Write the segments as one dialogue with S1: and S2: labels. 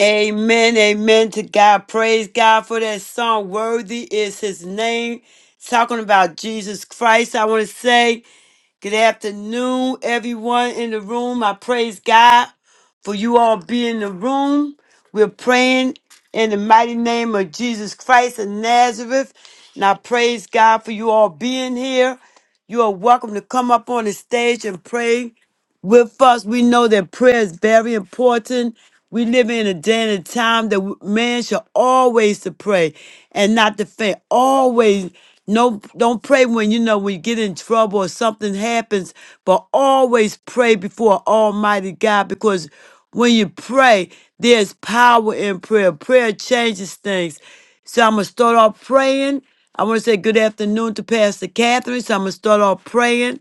S1: Amen, amen to God. Praise God for that song. Worthy is his name. Talking about Jesus Christ. I want to say good afternoon, everyone in the room. I praise God for you all being in the room. We're praying in the mighty name of Jesus Christ of Nazareth. And I praise God for you all being here. You are welcome to come up on the stage and pray with us. We know that prayer is very important. We live in a day and a time that w- man should always to pray and not to faint. Always, no, don't pray when you know when you get in trouble or something happens, but always pray before Almighty God because when you pray, there's power in prayer. Prayer changes things. So I'm gonna start off praying. I want to say good afternoon to Pastor Catherine. So I'm gonna start off praying.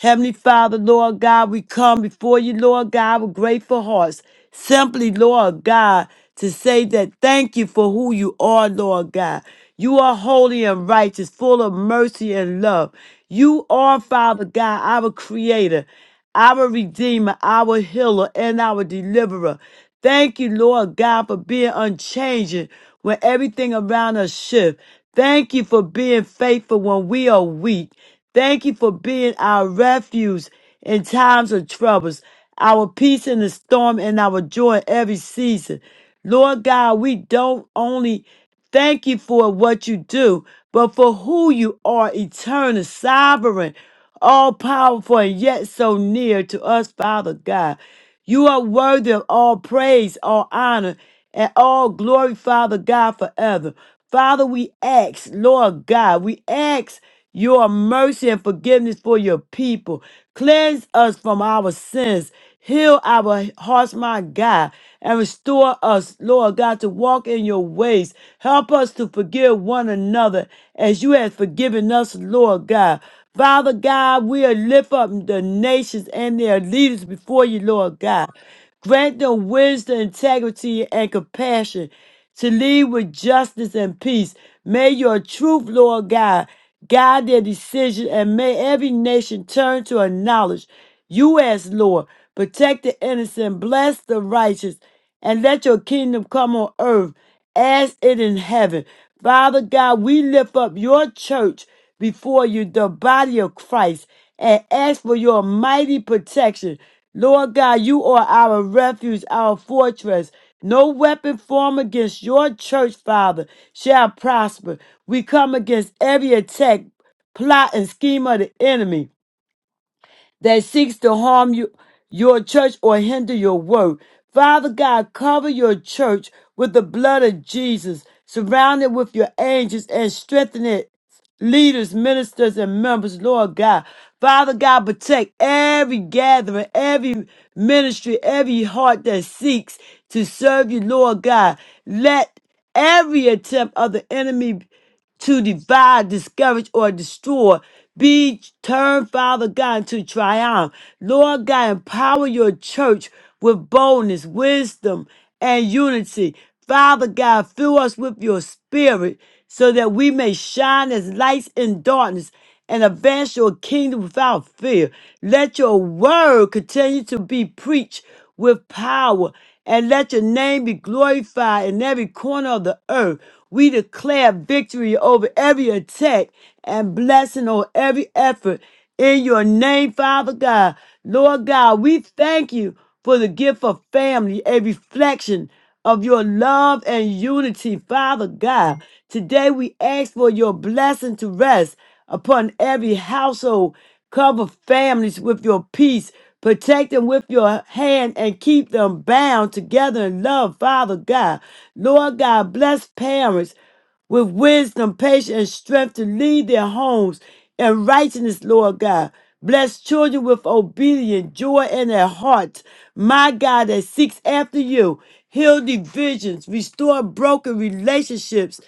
S1: Heavenly Father, Lord God, we come before you, Lord God, with grateful hearts. Simply, Lord God, to say that thank you for who you are, Lord God. You are holy and righteous, full of mercy and love. You are, Father God, our creator, our redeemer, our healer, and our deliverer. Thank you, Lord God, for being unchanging when everything around us shifts. Thank you for being faithful when we are weak. Thank you for being our refuge in times of troubles, our peace in the storm, and our joy in every season. Lord God, we don't only thank you for what you do, but for who you are, eternal, sovereign all powerful and yet so near to us, Father God. You are worthy of all praise, all honor, and all glory, Father God, forever. Father, we ask, Lord God, we ask your mercy and forgiveness for your people. Cleanse us from our sins. Heal our hearts, my God, and restore us, Lord God, to walk in your ways. Help us to forgive one another as you have forgiven us, Lord God. Father God, we'll lift up the nations and their leaders before you, Lord God. Grant them wisdom, integrity, and compassion to lead with justice and peace. May your truth, Lord God, guide their decision, and may every nation turn to acknowledge you as Lord. Protect the innocent, bless the righteous, and let your kingdom come on earth as it in heaven. Father God, we lift up your church before you, the body of Christ, and ask for your mighty protection. Lord God, you are our refuge, our fortress. No weapon formed against your church, Father, shall prosper. We come against every attack, plot, and scheme of the enemy that seeks to harm you, your church or hinder your work. Father God, cover your church with the blood of Jesus, surround it with your angels and strengthen it leaders, ministers, and members, Lord God. Father God, protect every gathering, every ministry, every heart that seeks to serve you, Lord God. Let every attempt of the enemy to divide, discourage, or destroy. Be turned, Father God, to triumph. Lord God, empower your church with boldness, wisdom, and unity. Father God, fill us with your spirit so that we may shine as lights in darkness and advance your kingdom without fear. Let your word continue to be preached with power and let your name be glorified in every corner of the earth. We declare victory over every attack and blessing on every effort in your name, Father God. Lord God, we thank you for the gift of family, a reflection of your love and unity, Father God. Today we ask for your blessing to rest upon every household. Cover families with your peace. Protect them with your hand and keep them bound together in love, Father God. Lord God, bless parents with wisdom, patience, and strength to lead their homes in righteousness, Lord God. Bless children with obedience, joy in their hearts. My God, that seeks after you. Heal divisions, restore broken relationships,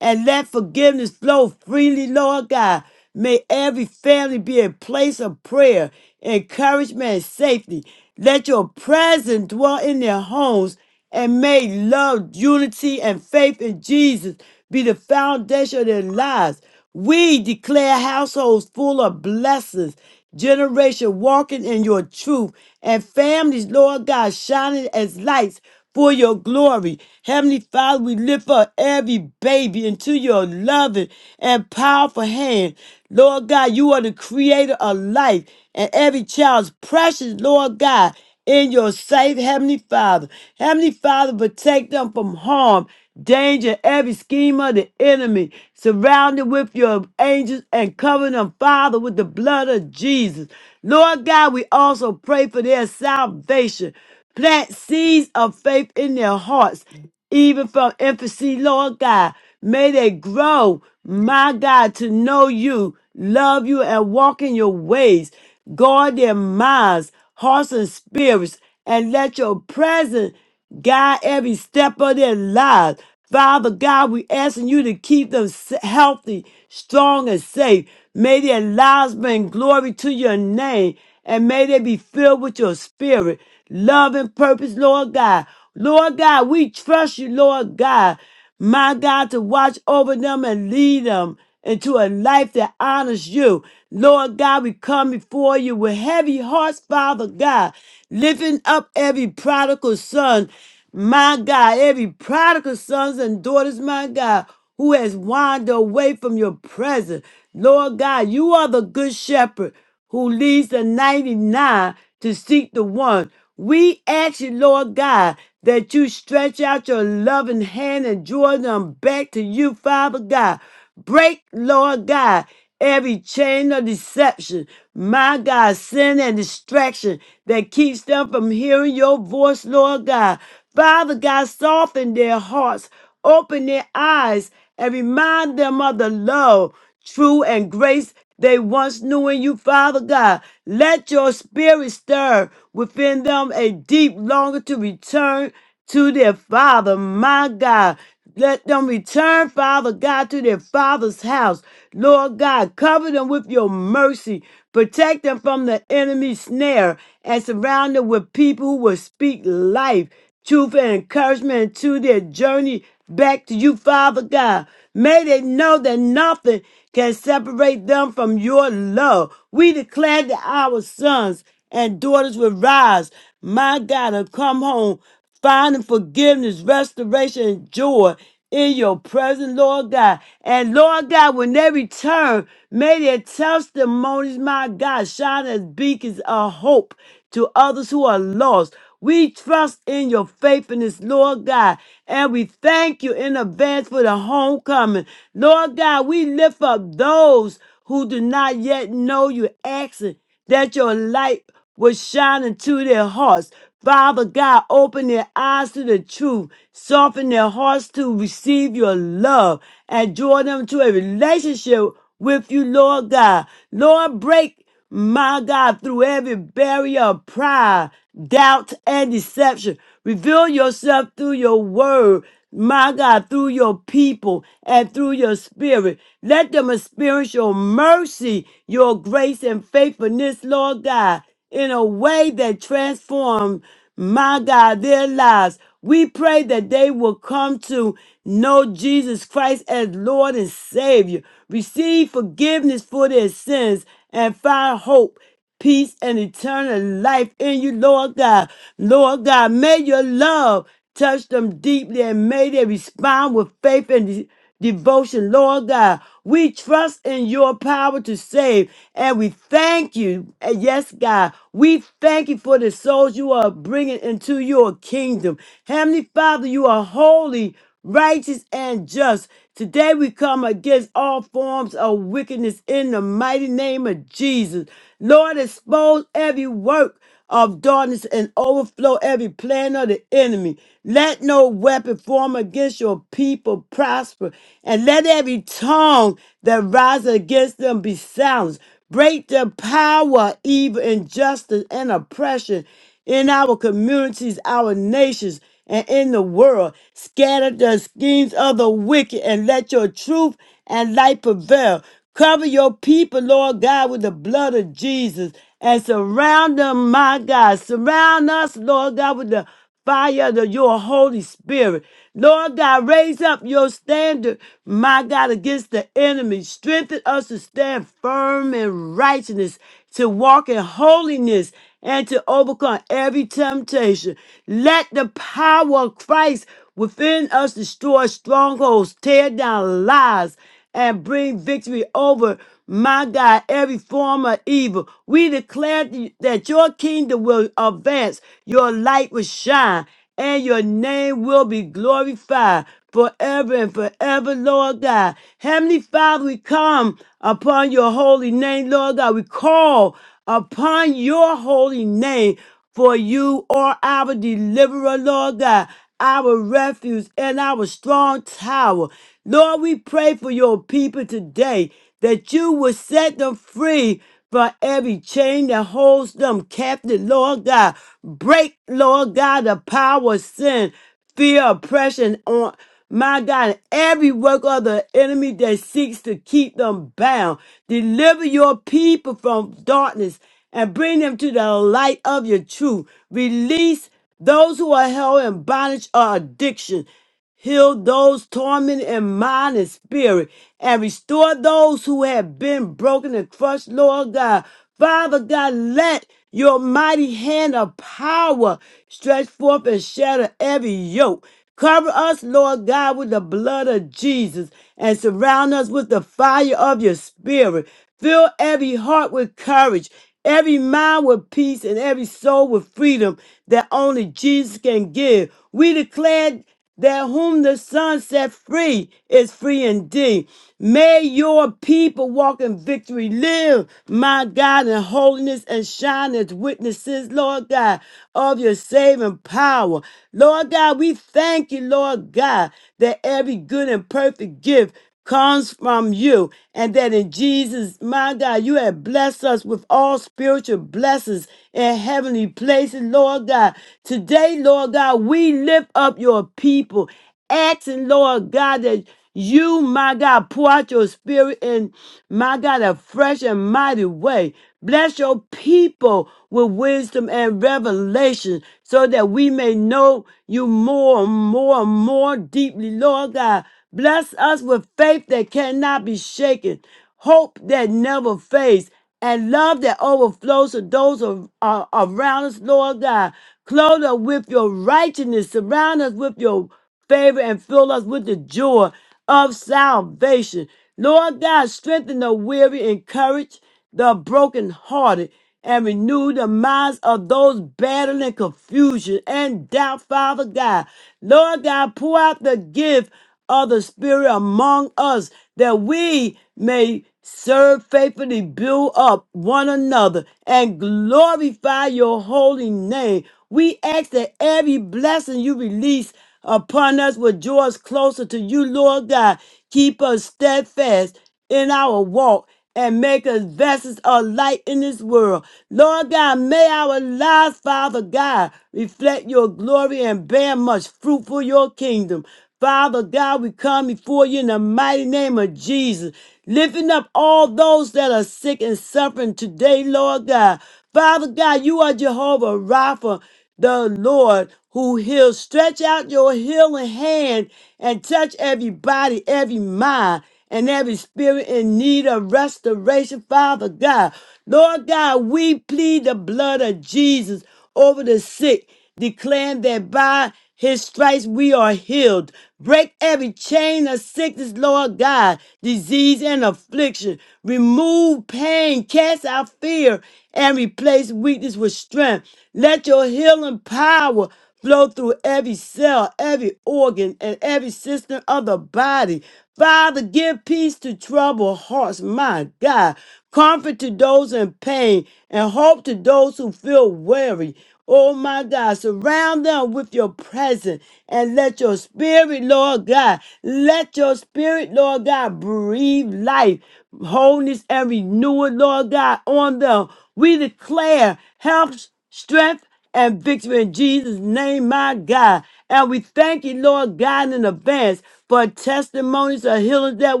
S1: and let forgiveness flow freely, Lord God. May every family be a place of prayer, encouragement, and safety. Let your presence dwell in their homes and may love, unity, and faith in Jesus be the foundation of their lives. We declare households full of blessings, generation walking in your truth, and families, Lord God, shining as lights for your glory. Heavenly Father, we lift up every baby into your loving and powerful hand. Lord God, you are the creator of life, and every child's precious, Lord God in your safe Heavenly Father. Heavenly Father, protect them from harm, danger, every scheme of the enemy. Surround them with your angels and cover them, Father, with the blood of Jesus. Lord God, we also pray for their salvation. Plant seeds of faith in their hearts, even from infancy, Lord God. May they grow, my God, to know you, love you, and walk in your ways. Guard their minds hearts, and spirits, and let your presence guide every step of their lives. Father God, we asking you to keep them s- healthy, strong, and safe. May their lives bring glory to your name, and may they be filled with your spirit, love, and purpose, Lord God. Lord God, we trust you, Lord God, my God, to watch over them and lead them into a life that honors you. Lord God, we come before you with heavy hearts, Father God, lifting up every prodigal son, my God, every prodigal sons and daughters, my God, who has wandered away from your presence. Lord God, you are the good shepherd who leads the 99 to seek the one. We ask you, Lord God, that you stretch out your loving hand and draw them back to you, Father God. Break, Lord God, every chain of deception, my God, sin and distraction that keeps them from hearing your voice, Lord God. Father God, soften their hearts, open their eyes, and remind them of the love, true and grace they once knew in you, Father God. Let your spirit stir within them a deep longing to return to their Father, my God. Let them return, Father God, to their father's house. Lord God, cover them with your mercy. Protect them from the enemy's snare and surround them with people who will speak life, truth, and encouragement to their journey back to you, Father God. May they know that nothing can separate them from your love. We declare that our sons and daughters will rise, my God, and come home finding forgiveness, restoration, and joy in your presence, Lord God. And Lord God, when they return, may their testimonies, my God, shine as beacons of hope to others who are lost. We trust in your faithfulness, Lord God, and we thank you in advance for the homecoming. Lord God, we lift up those who do not yet know you, asking that your light will shine into their hearts. Father God, open their eyes to the truth, soften their hearts to receive your love, and draw them to a relationship with you, Lord God. Lord, break my God, through every barrier of pride, doubt, and deception. Reveal yourself through your word, my God, through your people and through your spirit. Let them experience your mercy, your grace, and faithfulness, Lord God in a way that transform, my God, their lives. We pray that they will come to know Jesus Christ as Lord and Savior, receive forgiveness for their sins, and find hope peace and eternal life in you, Lord God. Lord God, may your love touch them deeply and may they respond with faith and devotion. Lord God, we trust in your power to save, and we thank you. And yes, God, we thank you for the souls you are bringing into your kingdom. Heavenly Father, you are holy, righteous, and just. Today we come against all forms of wickedness in the mighty name of Jesus. Lord, expose every work of darkness and overflow every plan of the enemy. Let no weapon form against your people prosper, and let every tongue that rises against them be silenced. Break the power, of evil, injustice, and oppression in our communities, our nations, and in the world. Scatter the schemes of the wicked, and let your truth and light prevail. Cover your people, Lord God, with the blood of Jesus and surround them, my God. Surround us, Lord God, with the fire of your Holy Spirit. Lord God, raise up your standard, my God, against the enemy. Strengthen us to stand firm in righteousness, to walk in holiness, and to overcome every temptation. Let the power of Christ within us destroy strongholds, tear down lies and bring victory over, my God, every form of evil. We declare th- that your kingdom will advance, your light will shine, and your name will be glorified forever and forever, Lord God. Heavenly Father, we come upon your holy name, Lord God. We call upon your holy name for you are our deliverer, Lord God, our refuge and our strong tower. Lord, we pray for your people today that you will set them free from every chain that holds them captive, Lord God. Break, Lord God, the power of sin fear, oppression on my God, and every work of the enemy that seeks to keep them bound. Deliver your people from darkness and bring them to the light of your truth. Release those who are held in bondage or addiction. Heal those tormented in mind and spirit, and restore those who have been broken and crushed, Lord God. Father God, let your mighty hand of power stretch forth and shatter every yoke. Cover us, Lord God, with the blood of Jesus and surround us with the fire of your spirit. Fill every heart with courage, every mind with peace, and every soul with freedom that only Jesus can give. We declare that whom the Son set free is free indeed. May your people walk in victory, live, my God, in holiness and shine as witnesses, Lord God, of your saving power. Lord God, we thank you, Lord God, that every good and perfect gift comes from you, and that in Jesus, my God, you have blessed us with all spiritual blessings in heavenly places, Lord God. Today, Lord God, we lift up your people, asking, Lord God, that you, my God, pour out your spirit in, my God, a fresh and mighty way. Bless your people with wisdom and revelation so that we may know you more and more and more deeply, Lord God. Bless us with faith that cannot be shaken, hope that never fades, and love that overflows to those of, uh, around us, Lord God. Clothe us with your righteousness, surround us with your favor, and fill us with the joy of salvation. Lord God, strengthen the weary, encourage the brokenhearted and renew the minds of those battling confusion and doubt, Father God. Lord God, pour out the gift of the Spirit among us that we may serve faithfully, build up one another, and glorify your holy name. We ask that every blessing you release upon us will draw us closer to you, Lord God. Keep us steadfast in our walk and make us vessels of light in this world. Lord God, may our lives, Father God, reflect your glory and bear much fruit for your kingdom. Father God, we come before you in the mighty name of Jesus, lifting up all those that are sick and suffering today, Lord God. Father God, you are Jehovah Rapha the Lord who heals. Stretch out your healing hand and touch every body, every mind, and every spirit in need of restoration, Father God. Lord God, we plead the blood of Jesus over the sick declaring that by his stripes we are healed. Break every chain of sickness, Lord God, disease and affliction. Remove pain, cast out fear, and replace weakness with strength. Let your healing power flow through every cell, every organ, and every system of the body. Father, give peace to troubled hearts, my God comfort to those in pain, and hope to those who feel weary. Oh my God, surround them with your presence and let your spirit, Lord God, let your spirit, Lord God, breathe life, wholeness, and renewal, Lord God, on them. We declare health strength and victory in Jesus' name, my God. And we thank you, Lord God, in advance for testimonies of healers that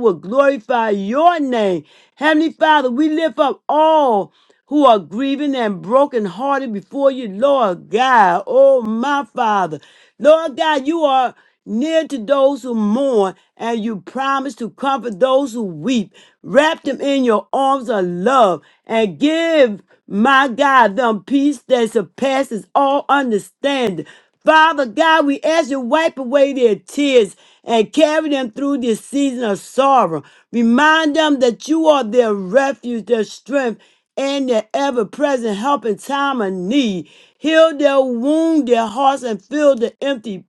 S1: will glorify your name. Heavenly Father, we lift up all who are grieving and brokenhearted before you, Lord God. Oh, my Father. Lord God, you are near to those who mourn, and you promise to comfort those who weep. Wrap them in your arms of love and give my God them peace that surpasses all understanding. Father God, we ask you wipe away their tears and carry them through this season of sorrow. Remind them that you are their refuge, their strength, and their ever present help in time of need. Heal their wound, their hearts, and fill the empty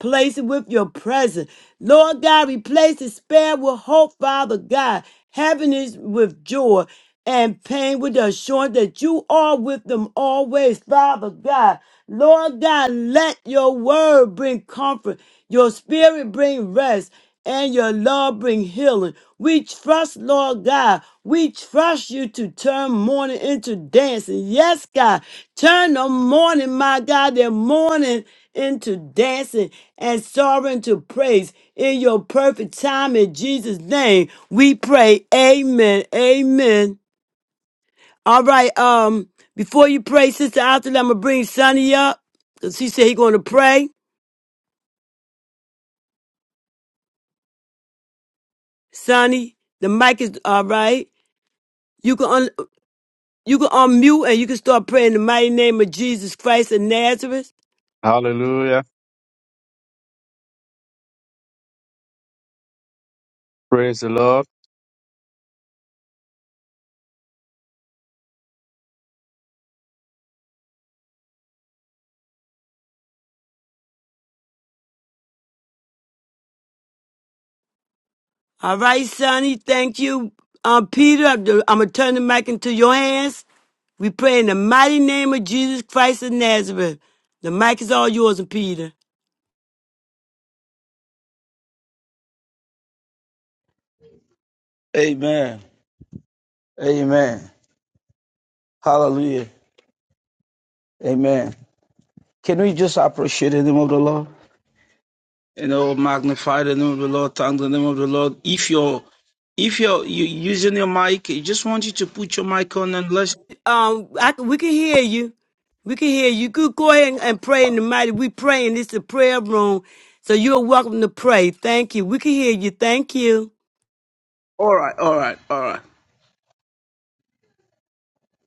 S1: Place it with your presence. Lord God, replace despair with hope, Father God. Happiness with joy and pain with the assurance that you are with them always, Father God. Lord God, let your word bring comfort, your spirit bring rest, and your love bring healing. We trust, Lord God. We trust you to turn mourning into dancing. Yes, God. Turn the mourning, my God, their mourning into dancing and sorrowing to praise in your perfect time in Jesus name we pray amen amen all right um before you pray sister after I'm gonna bring Sonny up because he said he gonna pray Sonny the mic is all right you can un- you can unmute and you can start praying in the mighty name of Jesus Christ of Nazareth
S2: Hallelujah. Praise the Lord.
S1: all right Sonny thank you um Peter I'm gonna turn the mic into your hands We pray in the mighty name of Jesus Christ of Nazareth. The mic is all yours, Peter.
S3: Amen. Amen. Hallelujah. Amen. Can we just appreciate the name of the Lord? You know, magnify the name of the Lord, thank the name of the Lord. If you're if you're you using your mic, I just want you to put your mic on and let's
S1: Um, I, can- we can hear you. We can hear you. Good. Go ahead and, and pray in the mighty. We praying. This is a prayer room, so you're welcome to pray. Thank you. We can hear you. Thank you.
S3: all right, all right, all right.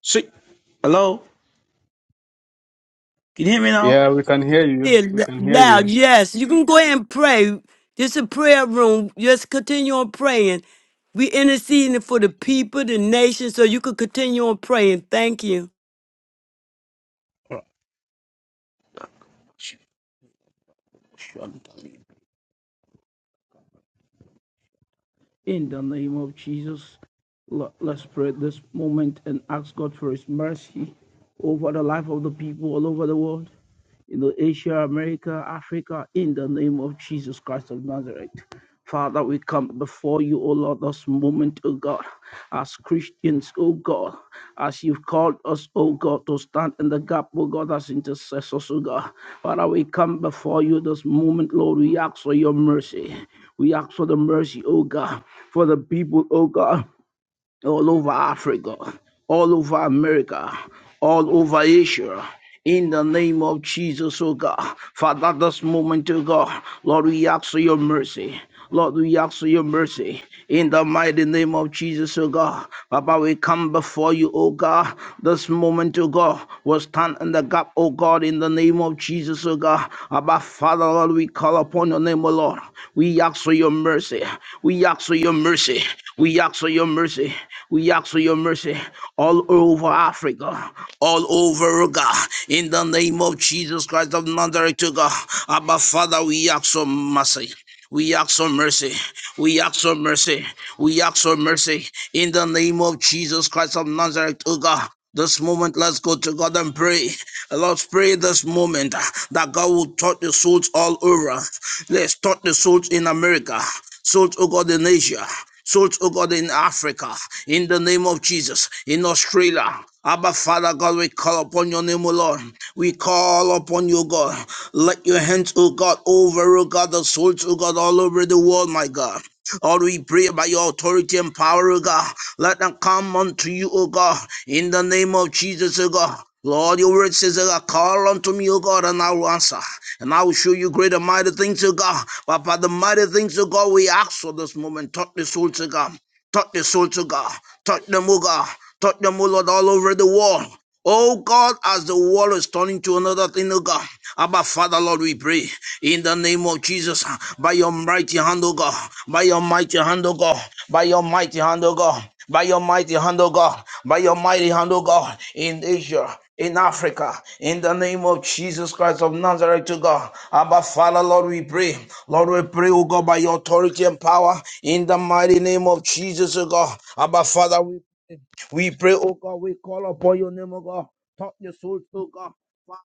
S3: See hello? Can you hear me now?
S2: Yeah, we can hear you.
S1: Hear
S2: We
S1: l-
S2: can hear
S1: loud.
S2: you.
S1: Yes, you can go ahead and pray. This is a prayer room. Just continue on praying. We interceding for the people, the nation, so you can continue on praying. Thank you,
S3: All right. In the name of Jesus, let's pray this moment and ask God for His mercy over the life of the people all over the world, in Asia, America, Africa, in the name of Jesus Christ of Nazareth. Father, we come before you, O Lord, this moment, O God, as Christians, O God, as you've called us, O God, to stand in the gap, O God, as intercessors, O God. Father, we come before you this moment, Lord. We ask for your mercy. We ask for the mercy, O God, for the people, O God all over Africa, all over America, all over Asia. In the name of Jesus, oh God. Father, this moment, oh God, Lord, we ask for your mercy. Lord, we ask for your mercy. In the mighty name of Jesus, oh God. Papa, we come before you, oh God. This moment, oh God, we stand in the gap, oh God, in the name of Jesus, oh God. Abba, Father, Lord, we call upon your name, oh Lord. We ask for your mercy. We ask for your mercy. We ask for your mercy. We ask for your mercy all over Africa, all over oh God. In the name of Jesus Christ of Nazareth, to God. Abba, Father, we ask for mercy. We ask for mercy. We ask for mercy. We ask for mercy. In the name of Jesus Christ of Nazareth, O God. This moment, let's go to God and pray. Let's pray this moment uh, that God will touch the souls all over. Let's touch the souls in America. Souls, oh God, in Asia. Souls, oh God, in Africa. In the name of Jesus. In Australia. Abba, Father God, we call upon your name, O Lord. We call upon you, God. Let your hands, O God, over, O God, the souls, O God, all over the world, my God. Lord, we pray by your authority and power, O God. Let them come unto you, O God, in the name of Jesus, O God. Lord, your word says, O God, call unto me, O God, and I will answer. And I will show you great and mighty things, O God. But by the mighty things, O God, we ask for this moment. Touch the souls, O God. Touch the soul to God. Touch them, O God. Touch them, O Lord, all over the world. Oh God, as the world is turning to another thing, oh God. Abba Father, Lord, we pray in the name of Jesus, by your mighty hand, oh God, by your mighty hand, oh God, by your mighty hand, oh God, by your mighty hand, oh God, by your mighty hand, oh God, in Asia, in Africa, in the name of Jesus Christ of Nazareth to God. Abba Father, Lord, we pray. Lord, we pray, O God, by your authority and power, in the mighty name of Jesus, O God. Abba Father, we pray. We pray, O God, we call upon your name, O God. Touch your souls, O God. Father,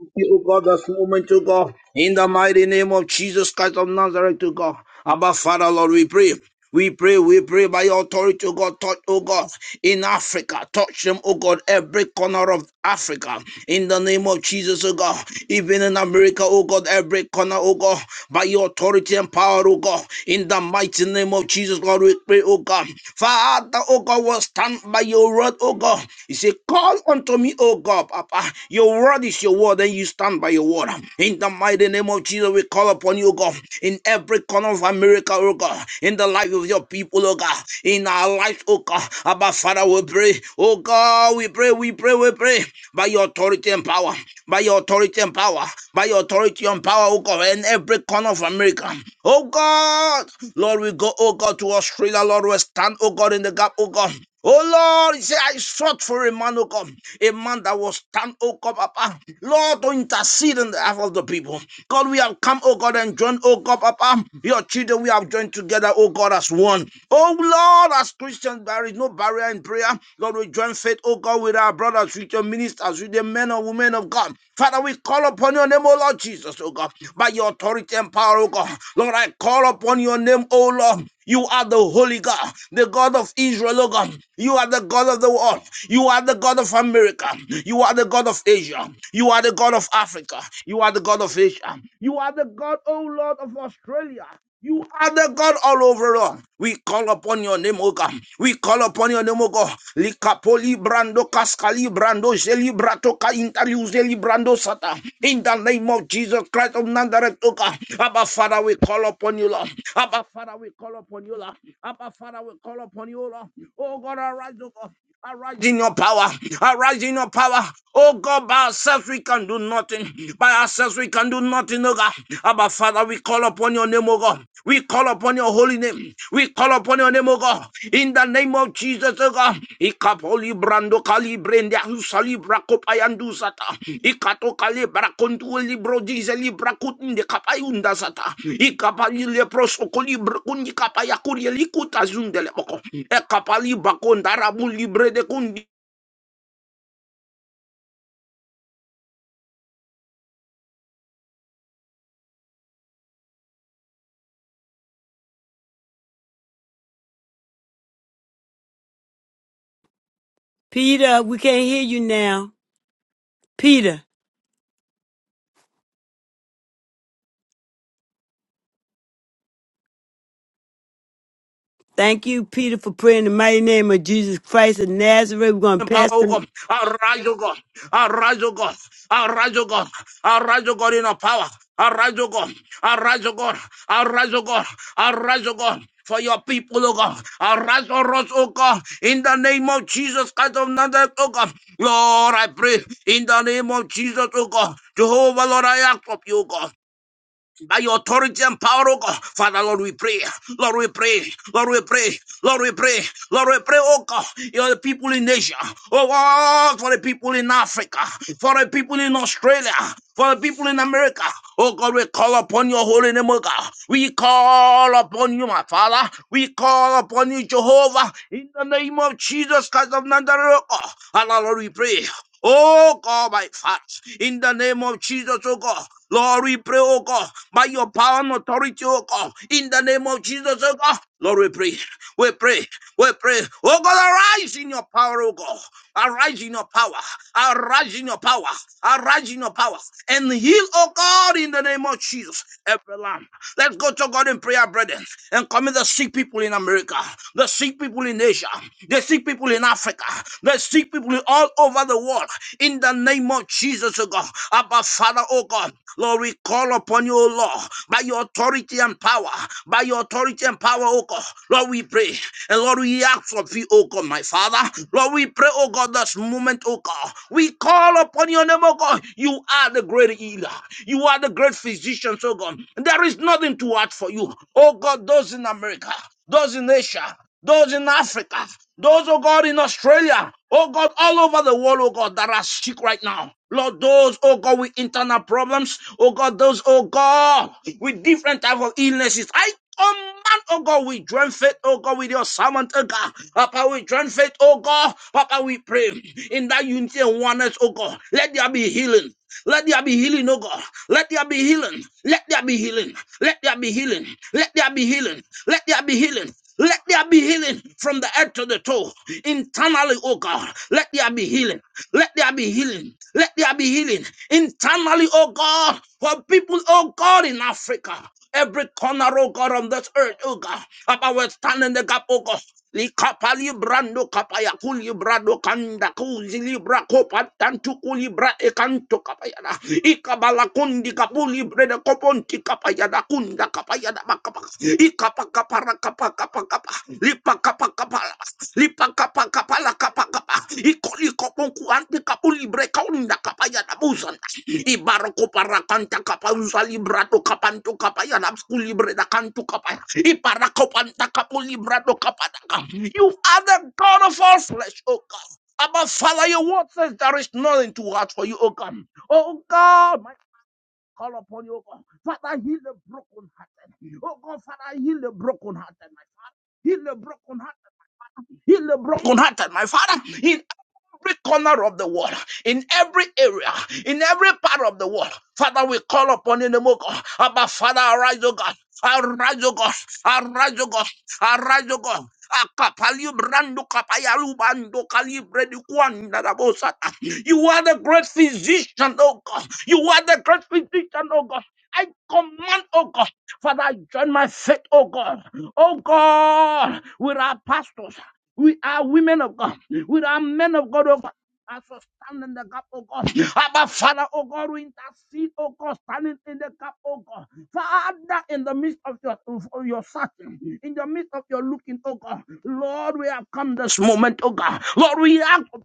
S3: we pray, O God, this moment, O God, in the mighty name of Jesus Christ of Nazareth, O God. Abba Father, Lord, we pray. We pray, we pray by your authority, O God, touch, O God, in Africa, touch them, O God, every corner of Africa, in the name of Jesus, O God, even in America, O God, every corner, O God, by your authority and power, O God, in the mighty name of Jesus, God, we pray, O God, Father, O God, will stand by your word, O God, you say, call unto me, O God, Papa, your word is your word, and you stand by your word, in the mighty name of Jesus, we call upon you, O God, in every every corner of America, oh God, in the life of your people, oh God, in our lives, oh God. Abba, Father, we pray, oh God, we pray, we pray, we pray, by your authority and power, by your authority and power, by your authority and power, oh God, in every corner of America, oh God, Lord, we go, oh God, to Australia, Lord, we stand, oh God, in the gap, oh God, Oh Lord, he said, I sought for a man, oh God, a man that will stand, oh God, Papa. Lord, to intercede on behalf of the people. God, we have come, oh God, and joined, oh God, Papa. Your children, we have joined together, oh God, as one. Oh Lord, as Christians, there is no barrier in prayer. God, we join faith, oh God, with our brothers, with your ministers, with the men and women of God. Father, we call upon your name, oh Lord Jesus, oh God by your authority and power, O God. Lord, I call upon your name, O Lord. You are the Holy God, the God of Israel, O God. You are the God of the world. You are the God of America. You are the God of Asia. You are the God of Africa. You are the God of Asia. You are the God, O Lord, of Australia. You are the God all over us. We call upon your name, O God. We call upon your name, O God. Likapoli brando kaskali brando zeli brato ka intariu zeli brando sata. In the name of Jesus Christ of Nazareth, O God. Abba Father, we call upon you, Lord. Abba Father, we call upon you, Lord. Abba Father, we call upon you, Lord. Oh God, arise, O God. Arise in your power. Arise in your power. Oh God, by ourselves we can do nothing. By ourselves we can do nothing, oh God. Abba Father, we call upon your name, oh God. We call upon your holy name. We call upon your name, oh God. In the name of Jesus, oh God. Ikoli brando kali brende ahusali brakopayandu zata. Ikato kali brakontu libro dizeli brakutinde kapayunda zata. Ikapali leproso koli brakundi kapayakuri likutazundele boko. Ekapali bakondarabu libre de kundi
S1: Peter. We can't hear you now, Peter. Thank you, Peter, for praying in the mighty name of Jesus Christ of Nazareth. We're going to
S3: power,
S1: pass
S3: oh
S1: the,
S3: God. Arise, oh God. Arise, oh God. Arise, oh God. Arise, oh God, in our power. Arise, oh God. Arise, oh God. Arise, oh God. Arise, oh God. For your people, oh God. Arise for us, oh God. In the name of Jesus Christ of Nazareth, oh God. Lord, I pray. In the name of Jesus, oh God. Jehovah, Lord, I ask of you, oh God by your authority and power, oh God. Father, Lord, we pray. Lord, we pray. Lord, we pray. Lord, we pray. Lord, we pray, oh God. You are the people in Asia. Oh God, for the people in Africa. For the people in Australia. For the people in America. Oh God, we call upon your holy name, oh God. We call upon you, my Father. We call upon you, Jehovah. In the name of Jesus Christ of Nazareth, oh God. Lord, we pray. Oh God, my Father, in the name of Jesus, oh God, Lord, we pray, oh God, by your power and authority, oh God, in the name of Jesus, oh God. Lord, we pray, we pray, we pray. Oh God, arise in your power, oh God. Arise in your power, arise in your power, arise in your power, and heal, oh God, in the name of Jesus, every lamb. Let's go to God in prayer, brethren, and commit the sick people in America, the sick people in Asia, the sick people in Africa, the sick people all over the world, in the name of Jesus, oh God. Abba, Father, oh God. God. Lord, we call upon you, O Lord, by your authority and power, by your authority and power, O God. Lord, we pray. And Lord, we ask of you, O God, my Father. Lord, we pray, O God, this moment, O God. We call upon your name, O God. You are the great healer. You are the great physician, O God. There is nothing too hard for you. O God, those in America, those in Asia, those in Africa, those, oh God, in Australia, oh God, all over the world, oh God, that are sick right now. Lord, those, oh God, with internal problems, oh God, those, oh God, with different type of illnesses. I command, oh God, we join faith, oh God, with your servant, oh God. Papa, we join faith, oh God. Papa, we pray in that unity and oneness, oh God. Let there be healing. Let there be healing, oh God. Let there be healing. Let there be healing. Let there be healing. Let there be healing. Let there be healing. Let there be healing from the head to the toe. Internally, oh God, let there be healing. Let there be healing. Let there be healing. Internally, oh God, for people, oh God, in Africa. Every corner, oh God, on this earth, oh God, about we are standing the gap, oh God likapali brando kapaya kuli brado kanda kuzi libra kopa tantu kuli bra ekanto kapaya da ikabala kundi kapuli brede koponti kapaya da kunda kapaya da makapa ikapaka kapara kapa kapa kapa lipa kapa kapa lipa kapa kapa la kapa kapa ikoli kopon kuante kapuli bre kaunda kapaya da Ibaroko parakanta kapanza librado kapanto kapaya napsku libre da kanto kapaya. Ibarako panta kapo kapadaka. You are the God of all flesh, O God. Abba Father, your word says there is nothing too hard for you, O God. O God, my call upon you, O God. Father, heal the broken hearted. O God, Father, heal the broken hearted, my Father. Heal the broken hearted. Heal the brokenhearted, my Father. In every corner of the world, in every area, in every part of the world. Father, we call upon you in the name of God. Abba, Father, arise, O God. Arise, O God. Arise, O God. Arise, O God. Akapali brando kapayalu bando kalibre bredu kwanda da bosata. You are the great physician, oh God. You are the great physician, oh God. I command, oh God, Father, I join my faith, oh God. Oh God, with our pastors. We are women of God. We are men of God, oh God. As we stand in the gap, oh God. Abba, Father, oh God, we intercede, oh God, standing in the gap, oh God. Father, in the midst of your, of your searching, in the midst of your looking, oh God. Lord, we have come this moment, oh God. Lord, we ask, Lord,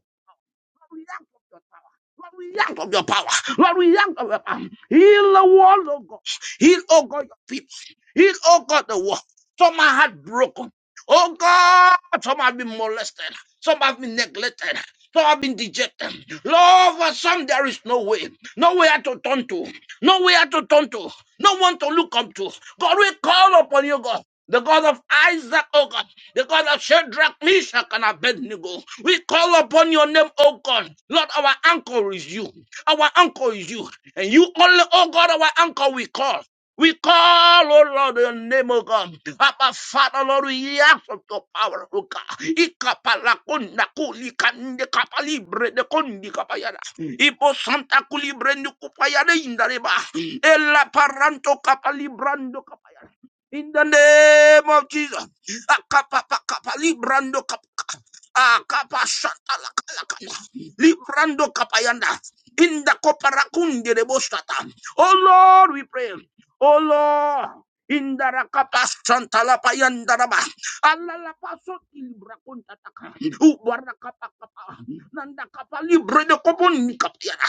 S3: we ask of your power. Lord, we ask of your power. Lord, we ask of your power. Heal the world, oh God. Heal, oh God, your people. Heal, oh God, the world. Some are heartbroken. Oh God, some have been molested, some have been neglected, some have been dejected. Lord, for some there is no way, nowhere to turn to, nowhere to turn to, no one to look up to. God, we call upon you, God. The God of Isaac, O God, the God of Shadrach, Meshach, and Abednego. We call upon your name, O God. Lord, our anchor is you. Our anchor is you. And you only, O God, our anchor we call. We call, oh Lord, your name, oh God. Abba, Father, Lord, we ask of your power, oh God. Ikapala kunda kuli kande kapali brede kundi kapayada. Ipo santa kuli brende kupayada indareba. Ela paranto kapali brando kapayada. In the name of Jesus. Akapapa kapali brando kapaka. Akapa shanta lakalakana. Librando kapayanda. In the koparakundi rebo shata. Oh Lord, we pray. Oh Lord. Indarakapasantalapayandalaba. Alalapasotilibrakundatakan. Ubarakapakapa. Nandakapalibre de kopon nikaptiara.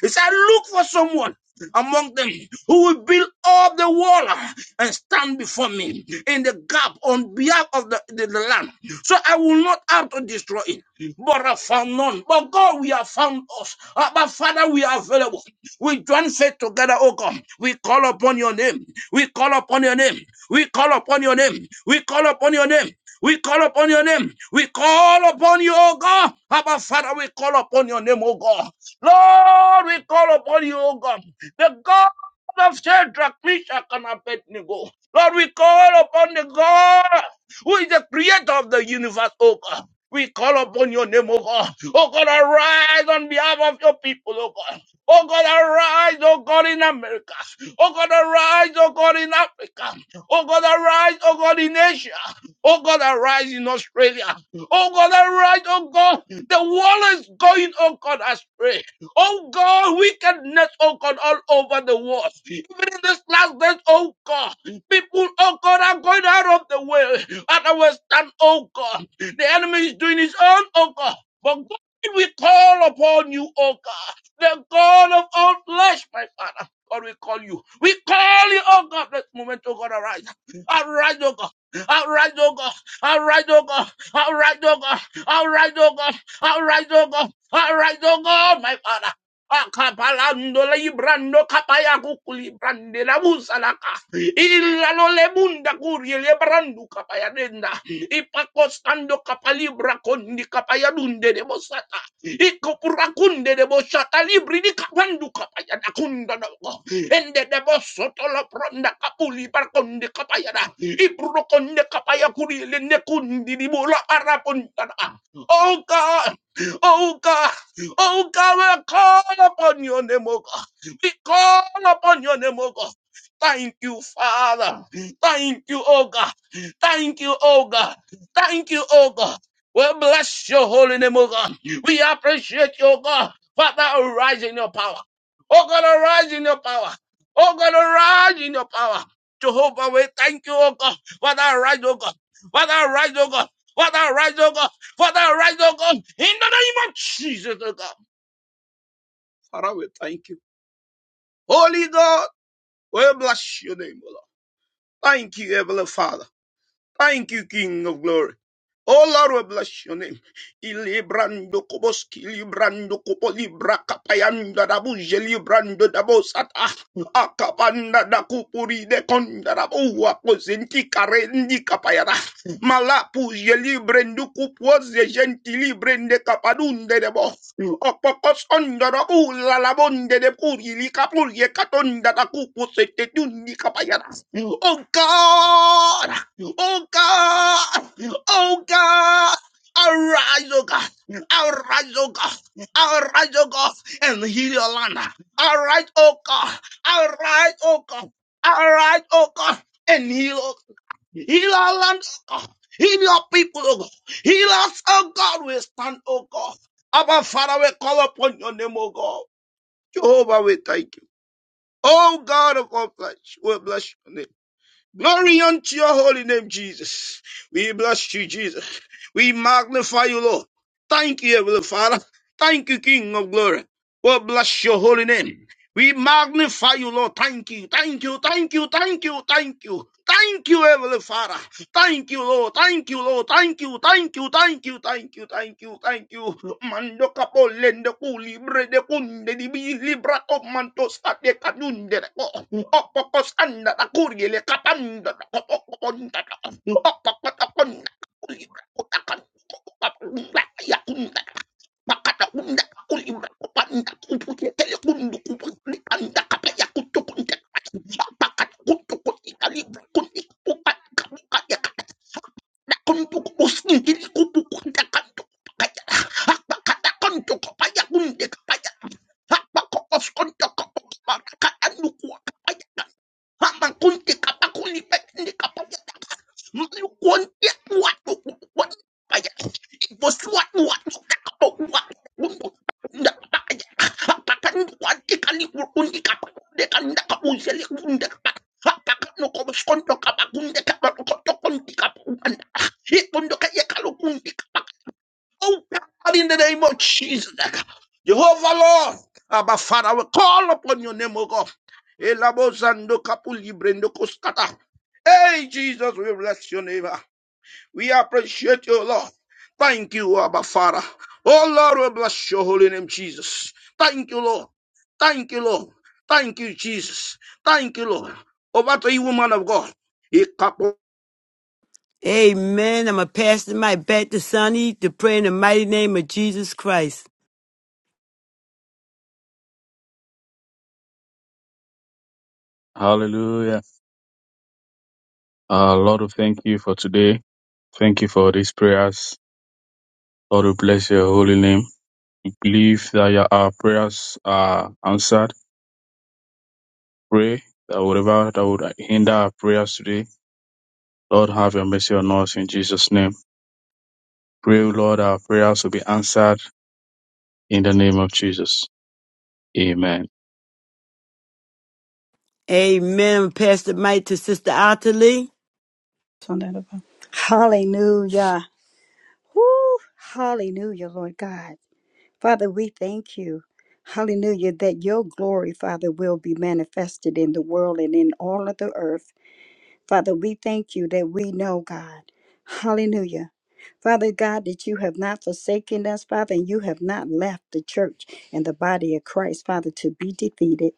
S3: He said, Look for someone among them who will build up the wall and stand before me in the gap on behalf of the, the, the land. So I will not have to destroy it. But I found none. But God, we have found us. Uh, But Father, we are available. We join faith together, oh God. We call upon your name. We call upon your name. We call upon your name. We call upon your name. We call upon your name. We call upon you, oh God. Abba, Father, we call upon your name, oh God. Lord, we call upon you, O God, the God of Shadrach, Meshach, and Abednego. Lord, we call upon the God who is the creator of the universe, O God. We call upon your name, O God. O God, arise on behalf of your people, O God. O God, arise, O God, in America. O God, arise, O God, in Africa. O God, arise, O God, in Asia. O God, arise in Australia. O God, arise, O God. The world is going, O God, astray. Oh God, wickedness, oh God, all over the world. Even in this last days, oh God, people, oh God, are going out of the way. And I will stand, oh God. The enemy is doing his own, oh God. But God, we call upon you, oh God, the God of all flesh, my Father. God, we call you. We call you, oh God, this moment, oh God, arise. Arise, oh God. Arise, oh God. Arise, oh God. Arise, oh God. Arise, oh God. Arise, oh God. All right, oh God, my Father. Akapalando la ibrando kapaya kukuli brande la musalaka. Illa lo le munda kuri le brandu kapaya denda. Ipakostando kapalibra kondi kapaya dunde de bosata. Ikopura kunde de bosata libri di kapandu kapaya da kunda dogo. Ende de bosoto lo pronda kapuli bar kondi kapaya da. Ibro konde kapaya kuri le ne kundi di bola arapunta da. Oh God. Oh God, oh God, we call upon your name, oh God. We call upon your name, oh God. Thank you, Father. Thank you, oh God. Thank you, oh God. Thank you, oh God. We bless your holy name, oh God. We appreciate your God. Father, arise in your power. Oh God, arise in your power. Oh God, arise in your power. Jehovah, we thank you, oh God. Father, arise, oh God. Father, arise, oh God. Father, arise, oh God. Father, arise, oh God, in the name of Jesus, oh God. Father, we thank you. Holy God, we bless your name, oh Lord. Thank you, Heavenly Father. Thank you, King of glory. Oh Lord, we bless your name. Ilibrando koboski librando kopo libra kapayanda dabu jelibrando dabo sata akapanda da kupuri de konda dabu wakozenti karendi kapayara malapu jelibrando kupoze gentili brende kapadunde debo opokos onda dabu lalabonde de puri likapuri katonda da kupo setetundi kapayara. Oh God. Oh God, oh God, arise, oh God, arise, oh God, arise, oh God, and heal your land. Arise, oh God, arise, oh God, arise, oh God, and heal, oh God. Heal our land, oh God. Heal your people, oh God. Heal us, oh God. We stand, oh God. Abba, Father, we call upon your name, oh God. Jehovah, we thank you. Oh God of all flesh, we bless your name. Glory unto your holy name, Jesus. We bless you, Jesus. We magnify you, Lord. Thank you, Heavenly Father. Thank you, King of glory. We bless your holy name. We magnify you, Lord. Thank you. Thank you. Thank you. Thank you. Thank you. Thank you, Heavenly Father. Thank you, Lord. Thank you, Lord. Thank you. Thank you. Thank you. Thank you. Thank you. Thank you. Mando capo lende cu libre de cunde di bi libra o manto state canunde de co. O poco sanda la curie le capanda da co poco conda da. O poco da conda. Libra o da conda. Kunti kapaya, was what what what what what in the name of Jesus, Jehovah Lord, Abba Father, we call upon your name, O God. Elabozando kapuli brendo koskata. Hey, Jesus, we bless your name. We appreciate you, Lord. Thank you, Abba Father. Oh, Lord, we bless your holy name, Jesus. Thank you, Lord. Thank you, Lord. Thank you, Jesus. Thank you, Lord. Over to you, woman of God.
S1: amen. I'm going to pass the mic back to Sonny to pray in the mighty name of Jesus Christ.
S2: Hallelujah. Uh, Lord, we thank you for today. Thank you for these prayers. Lord, we bless your holy name. We believe that your, our prayers are answered. Pray that whatever that would hinder our prayers today, Lord, have your mercy on us in Jesus' name. Pray, Lord, our prayers will be answered in the name of Jesus. Amen.
S1: Amen. I'm going to pass the mic to Sister Ottilie.
S4: Sondarabha. Hallelujah. Woo. Hallelujah, Lord God. Father, we thank you. Hallelujah, that your glory, Father, will be manifested in the world and in all of the earth. Father, we thank you that we know, God. Hallelujah. Father God, that you have not forsaken us, Father, and you have not left the church and the body of Christ, Father, to be defeated.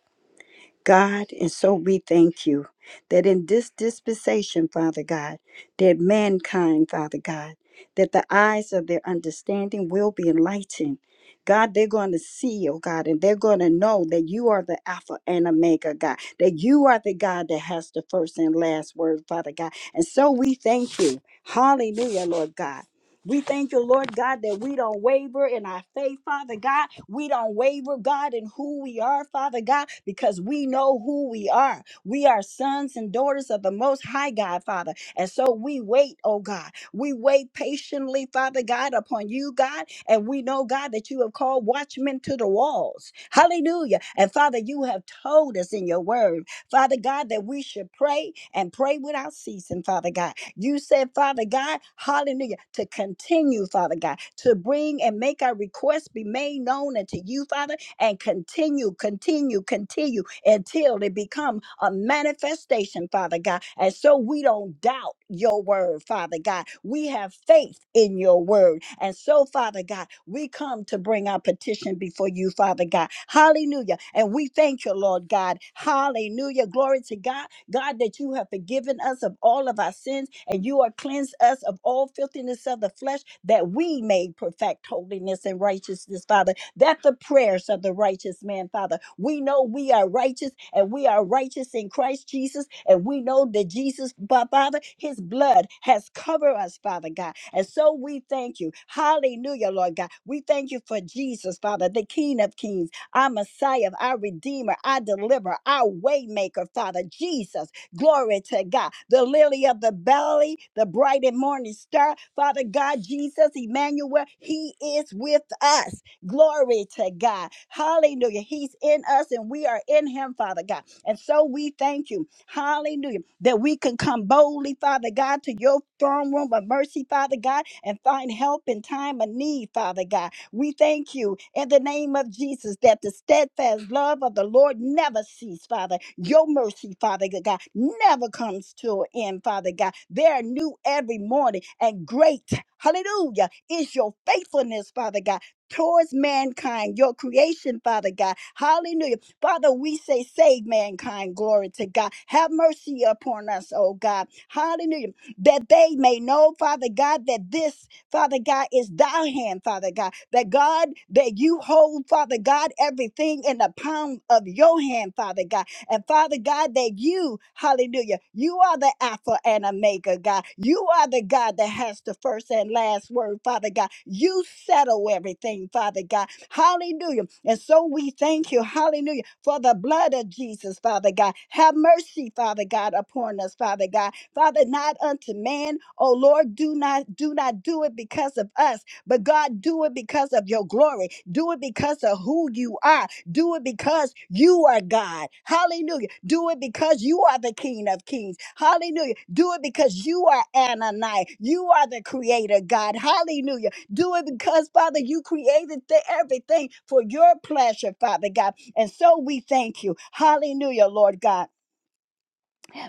S4: God, and so we thank you that in this dispensation, Father God, that mankind, Father God, that the eyes of their understanding will be enlightened. God, they're going to see, oh God, and they're going to know that you are the Alpha and Omega, God, that you are the God that has the first and last word, Father God. And so we thank you. Hallelujah, Lord God. We thank you, Lord God, that we don't waver in our faith, Father God. We don't waver, God, in who we are, Father God, because we know who we are. We are sons and daughters of the Most High God, Father. And so we wait, oh God. We wait patiently, Father God, upon you, God. And we know, God, that you have called watchmen to the walls. Hallelujah. And Father, you have told us in your word. Father God, that we should pray and pray without ceasing, Father God. You said, Father God, hallelujah, to continue, Father God, to bring and make our requests be made known unto you, Father and continue, continue, continue until they become a manifestation, Father God. And so we don't doubt your word, Father God. We have faith in your word. And so, Father God, we come to bring our petition before you, Father God. Hallelujah. And we thank you, Lord God. Hallelujah. Glory to God. God, that you have forgiven us of all of our sins and you are cleansed us of all filthiness of the flesh that we may perfect holiness and righteousness, Father that the prayers of the righteous man, Father, we know we are righteous and we are righteous in Christ Jesus. And we know that Jesus, but Father, his blood has covered us, Father God. And so we thank you. Hallelujah, Lord God. We thank you for Jesus, Father, the King of Kings, our Messiah, our Redeemer, our Deliverer, our Waymaker, Father, Jesus. Glory to God. The lily of the valley, the bright and morning star. Father God, Jesus, Emmanuel, He is with us. Glory to God. Hallelujah. He's in us and we are in him, Father God. And so we thank you. Hallelujah. That we can come boldly, Father God, to your throne room of mercy, Father God, and find help in time of need, Father God. We thank you in the name of Jesus that the steadfast love of the Lord never cease, Father. Your mercy, Father God, never comes to an end, Father God. They are new every morning and great. Hallelujah. Is your faithfulness, Father God towards mankind, your creation, Father God. Hallelujah. Father, we say, save mankind. Glory to God. Have mercy upon us, oh God. Hallelujah. That they may know, Father God, that this, Father God, is thy hand, Father God. That God, that you hold, Father God, everything in the palm of your hand, Father God and Father God, that you, hallelujah, you are the Alpha and Omega, God. You are the God that has the first and last word, Father God. You settle everything, Father God. Hallelujah. And so we thank you, hallelujah, for the blood of Jesus, Father God. Have mercy, Father God, upon us, Father God. Father, not unto man, oh Lord, do not do not do it because of us, but God, do it because of your glory. Do it because of who you are. Do it because you are God. Hallelujah. Do it because you are the King of Kings. Hallelujah. Do it because you are Ananai. You are the Creator, God. Hallelujah. Do it because, Father, you created the, everything for your pleasure, Father God. And so we thank you. Hallelujah, Lord God.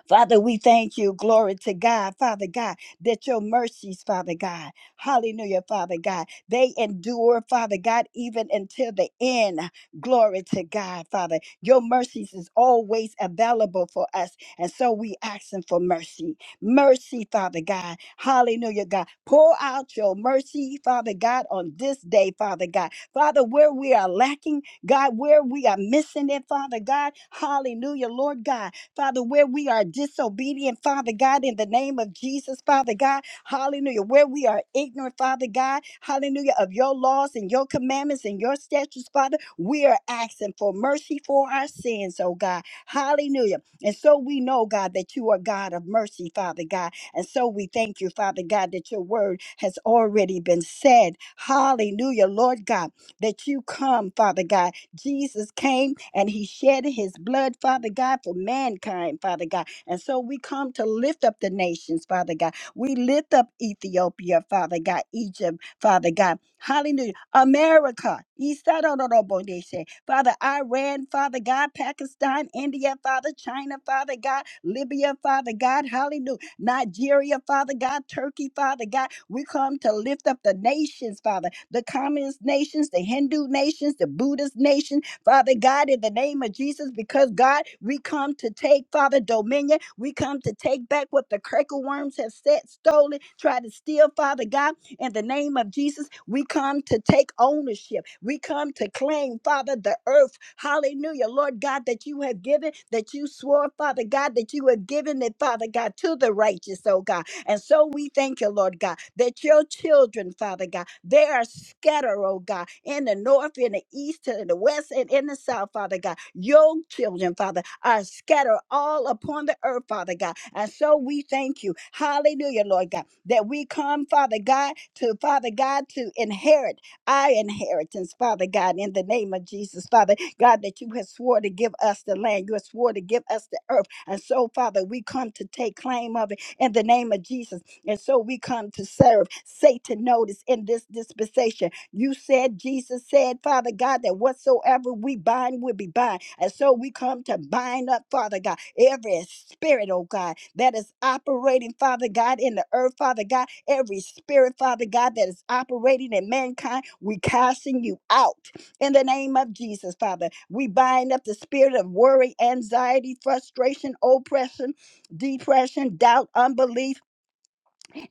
S4: Father, we thank you. Glory to God, Father God, that your mercies, Father God, hallelujah, Father God, they endure, Father God, even until the end. Glory to God, Father. Your mercies is always available for us. And so we asking for mercy. Mercy, Father God. Hallelujah, God. Pour out your mercy, Father God, on this day, Father God. Father, where we are lacking, God, where we are missing it, Father God. Hallelujah, Lord God. Father, where we are disobedient, Father God, in the name of Jesus, Father God, hallelujah, where we are ignorant, Father God, hallelujah, of your laws and your commandments and your statutes, Father, we are asking for mercy for our sins, oh God, hallelujah. And so we know, God, that you are God of mercy, Father God. And so we thank you, Father God, that your word has already been said, hallelujah, Lord God, that you come, Father God. Jesus came and he shed his blood, Father God, for mankind, Father God. And so we come to lift up the nations, Father God. We lift up Ethiopia, Father God, Egypt, Father God. Hallelujah. America. Isarorobodeshe. Father, Iran, Father God, Pakistan, India, Father, China, Father God, Libya, Father God. Hallelujah. Nigeria, Father God, Turkey, Father God. We come to lift up the nations, Father, the communist nations, the Hindu nations, the Buddhist nations, Father God, in the name of Jesus, because God, we come to take, Father, dominion. We come to take back what the cracker worms have said, stolen, tried to steal, Father God, in the name of Jesus. We come to take ownership. We come to claim, Father, the earth. Hallelujah. Lord God, that you have given, that you swore, Father God, that you have given it, Father God, to the righteous, oh God. And so we thank you, Lord God, that your children, Father God, they are scattered, oh God, in the north, in the east, in the west, and in the south, Father God. Your children, Father, are scattered all upon the earth, Father God. And so we thank you. Hallelujah, Lord God, that we come, Father God, to Father God, to inherit our inheritance, Father God, in the name of Jesus, Father God, that you have sworn to give us the land, you have sworn to give us the earth. And so, Father, we come to take claim of it in the name of Jesus. And so we come to serve. Satan notice in this dispensation. You said, Jesus said, Father God, that whatsoever we bind will be bind. And so we come to bind up, Father God, every spirit, oh God, that is operating, Father God, in the earth, Father God, every spirit, Father God, that is operating in mankind, we casting you out in the name of Jesus, Father. We bind up the spirit of worry, anxiety, frustration, oppression, depression, doubt, unbelief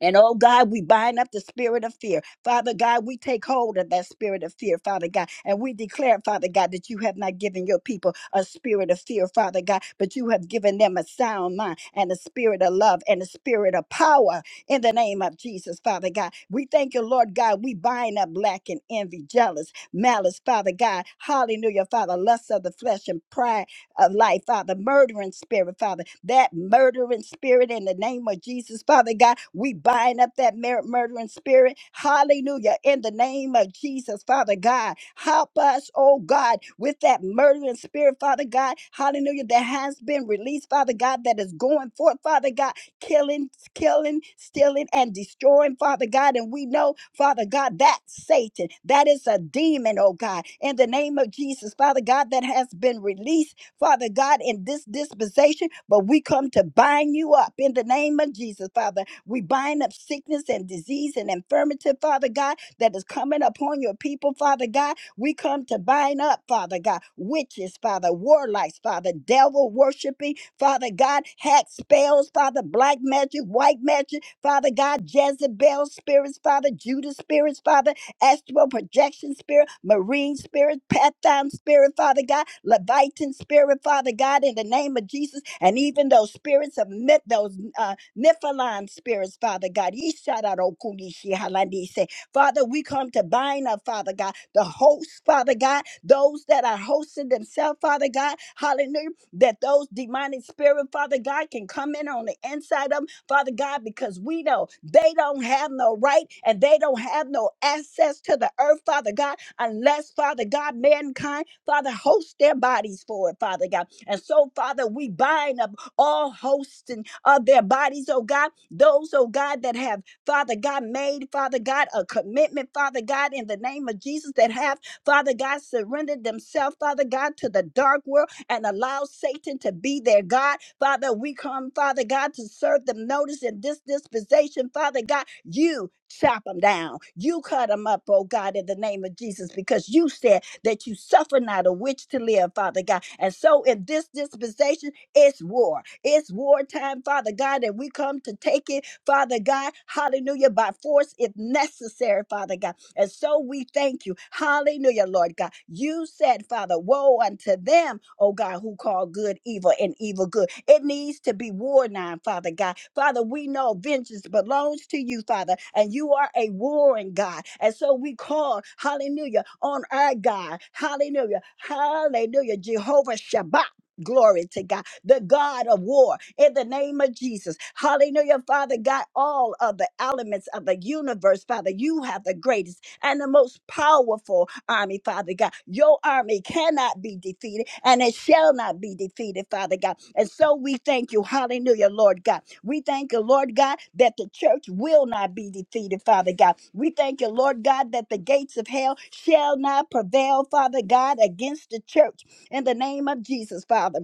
S4: and oh God, we bind up the spirit of fear. Father God, we take hold of that spirit of fear, Father God. And we declare, Father God, that you have not given your people a spirit of fear, Father God, but you have given them a sound mind and a spirit of love and a spirit of power in the name of Jesus, Father God. We thank you, Lord God. We bind up lack and envy, jealous, malice, Father God. Hallelujah, Father. Lust of the flesh and pride of life, Father, murdering spirit, Father, that murdering spirit in the name of Jesus, Father God, we bind up that mer- murdering spirit, hallelujah, in the name of Jesus, Father God, help us, oh God, with that murdering spirit, Father God, hallelujah, that has been released, Father God, that is going forth, Father God, killing, killing, stealing, and destroying, Father God. And we know, Father God, that Satan, that is a demon, oh God, in the name of Jesus, Father God, that has been released. Father God, in this dispensation, but we come to bind you up in the name of Jesus, Father. We bind up sickness and disease and infirmity, Father God, that is coming upon your people, Father God. We come to bind up, Father God, witches, Father, warlocks, Father, devil worshiping, Father God, hack spells, Father, black magic, white magic, Father God, Jezebel spirits, Father, Judas spirits, Father astral projection spirit, marine spirit, pathon spirit, Father God, Levitan spirit, Father God, in the name of Jesus, and even those spirits of myth, those uh, Nephilim spirits, Father God. Yishadarokunishihalandise. Father, we come to bind up, Father God, the hosts, Father God, those that are hosting themselves, Father God, hallelujah, that those demonic spirit, Father God, can come in on the inside of them Father God, because we know they don't have no right and they don't have no access to the earth, Father God, unless, Father God, mankind, Father, host their bodies for it, Father God. And so, Father, we bind up all hosting of their bodies, oh God, those, oh God, that have, Father God, made, Father God, a commitment, Father God, in the name of Jesus, that have, Father God, surrendered themselves, Father God, to the dark world and allow Satan to be their God. Father, we come, Father God, to serve them notice in this dispensation. Father God, you chop them down. You cut them up, oh God, in the name of Jesus, because you said that you suffer not a witch to live, Father God. And so in this dispensation, it's war. It's wartime, Father God, and we come to take it, Father God, hallelujah, by force if necessary, Father God. And so we thank you. Hallelujah, Lord God. You said, Father, woe unto them, oh God, who call good evil and evil good. It needs to be war now, Father God. Father, we know vengeance belongs to you, Father, and you are a warring God. And so we call, hallelujah, on our God. Hallelujah. Hallelujah. Jehovah Shabbat. Glory to God, the God of war, in the name of Jesus. Hallelujah, Father God, all of the elements of the universe, Father, you have the greatest and the most powerful army, Father God. Your army cannot be defeated and it shall not be defeated, Father God. And so we thank you. Hallelujah, Lord God. We thank you, Lord God, that the church will not be defeated, Father God. We thank you, Lord God, that the gates of hell shall not prevail, Father God, against the church in the name of Jesus, Father.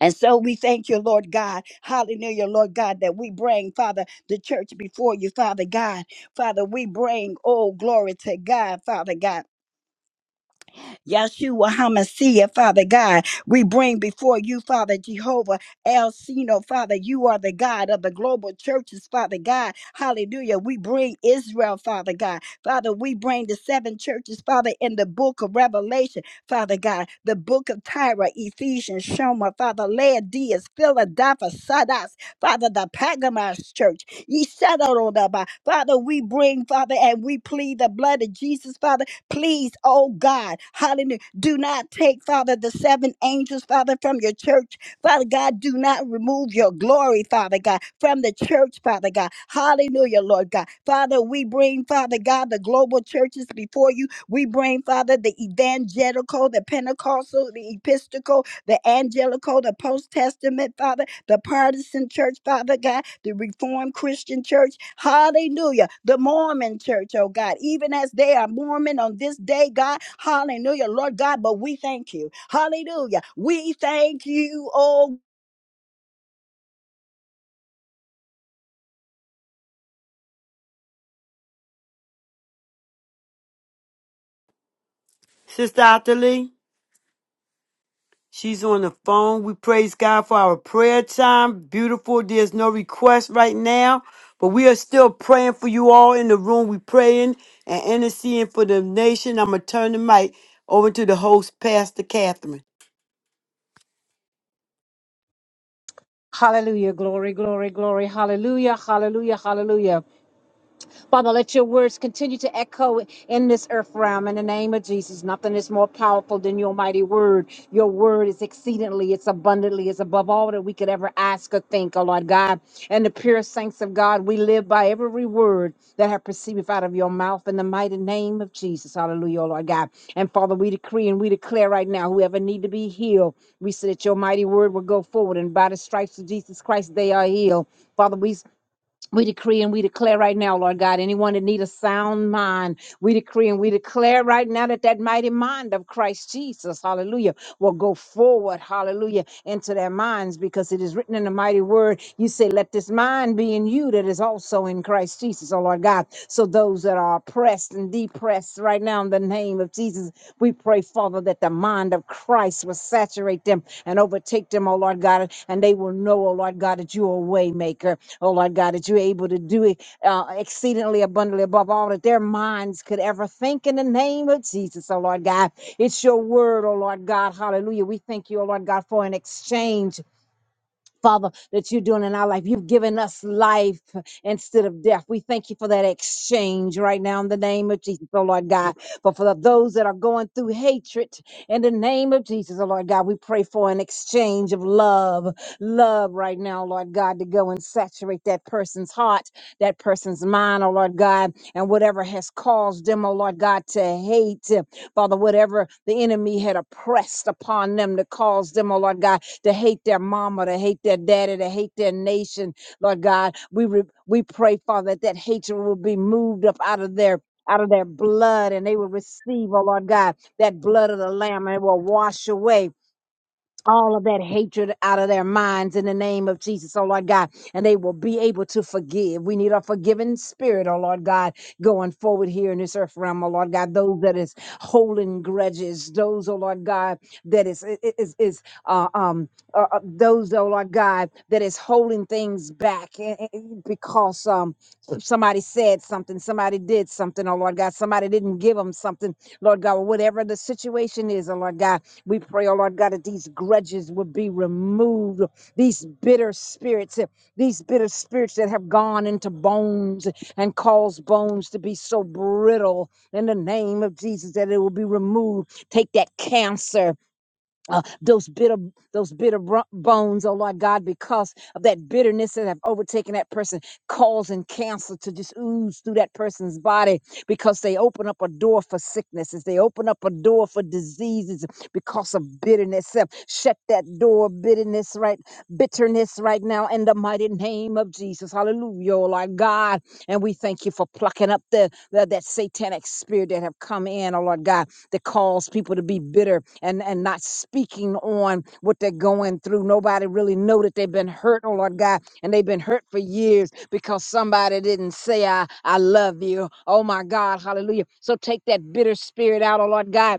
S4: And so we thank you, Lord God. Hallelujah, Lord God, that we bring, Father, the church before you, Father God. Father, we bring, oh, glory to God, Father God. Yahshua HaMashiach, Father God. We bring before you, Father Jehovah El Sino, Father. You are the God of the global churches, Father God. Hallelujah. We bring Israel, Father God. Father, we bring the seven churches, Father, in the book of Revelation, Father God. The book of Tyra, Ephesians, Shoma, Father, Laodice, Philadelphia, Sadas, Father, the Pergamos church. Ye settled on the Father, we bring, Father, and we plead the blood of Jesus, Father Please, oh God, hallelujah. Do not take, Father, the seven angels, Father, from your church. Father God, do not remove your glory, Father God, from the church, Father God. Hallelujah, Lord God. Father, we bring, Father God, the global churches before you. We bring, Father, the evangelical, the Pentecostal, the Episcopal, the Angelical, the Post Testament, Father, the Partisan Church, Father God the Reformed Christian Church, hallelujah, the Mormon Church, oh God, even as they are Mormon on this day, God, hallelujah, Lord God, but we thank you, hallelujah, we thank you, oh
S1: Sister Ottilie, she's on the phone. We praise God for our prayer time. Beautiful. There's no request right now, but we are still praying for you all in the room. We're praying and interceding for the nation. I'm going to turn the mic over to the host, Pastor Catherine.
S5: Hallelujah. Glory, glory, glory. Hallelujah. Hallelujah. Hallelujah. Father, let your words continue to echo in this earth realm in the name of Jesus. Nothing is more powerful than your mighty word. Your word is exceedingly, it's abundantly, it's above all that we could ever ask or think, oh Lord God. And the pure saints of God, we live by every word that have perceived out of your mouth in the mighty name of Jesus. Hallelujah, oh Lord God. And Father, we decree and we declare right now, whoever need to be healed, we say that your mighty word will go forward. And by the stripes of Jesus Christ, they are healed. Father, we we decree and we declare right now, Lord God, anyone that need a sound mind, we decree and we declare right now that that mighty mind of Christ Jesus, hallelujah, will go forward, hallelujah, into their minds because it is written in the mighty word. You say, let this mind be in you that is also in Christ Jesus, oh Lord God. So those that are oppressed and depressed right now in the name of Jesus, we pray, Father, that the mind of Christ will saturate them and overtake them, oh Lord God, and they will know, oh Lord God, that you are a waymaker. Oh, Lord God, that you're able to do it uh, exceedingly abundantly above all that their minds could ever think in the name of Jesus. Oh, Lord God, it's your word, oh, Lord God. Hallelujah. We thank you, oh, Lord God, for an exchange Father, that you're doing in our life. You've given us life instead of death. We thank you for that exchange right now in the name of Jesus, oh Lord God. But for those that are going through hatred, in the name of Jesus, oh Lord God, we pray for an exchange of love, love right now, Lord God, to go and saturate that person's heart, that person's mind, oh Lord God, and whatever has caused them, oh Lord God, to hate, Father, whatever the enemy had oppressed upon them to cause them, oh Lord God to hate their mama, to hate their daddy, to hate their nation. Lord God, we re- we pray, Father, that that hatred will be moved up out of their out of their blood, and they will receive, oh Lord God, that blood of the Lamb, and it will wash away all of that hatred out of their minds in the name of Jesus, oh Lord God, and they will be able to forgive. We need a forgiving spirit, oh Lord God, going forward here in this earth realm, oh Lord God, those that is holding grudges, those, oh Lord God, that is i- i- is is uh, um uh, uh, those, oh Lord God, that is holding things back eh, eh, eh, because um somebody said something, somebody did something, oh Lord God, somebody didn't give them something, Lord God, whatever the situation is, oh Lord God. We pray, oh Lord God, that these grudges would be removed, these bitter spirits, eh, these bitter spirits that have gone into bones and caused bones to be so brittle in the name of Jesus that it will be removed. Take that cancer uh, those bitter those bitter bro- bones, oh Lord God, because of that bitterness that have overtaken that person, causing cancer to just ooze through that person's body because they open up a door for sicknesses, they open up a door for diseases because of bitterness. Uh, Shut that door, bitterness, right? Bitterness right now in the mighty name of Jesus. Hallelujah, oh Lord God. And we thank you for plucking up the, the that satanic spirit that have come in, oh Lord God that cause people to be bitter and, and not speaking on what they're going through. Nobody really know that they've been hurt, oh Lord God, and they've been hurt for years because somebody didn't say I I love you. Oh my God, hallelujah. So take that bitter spirit out, oh Lord God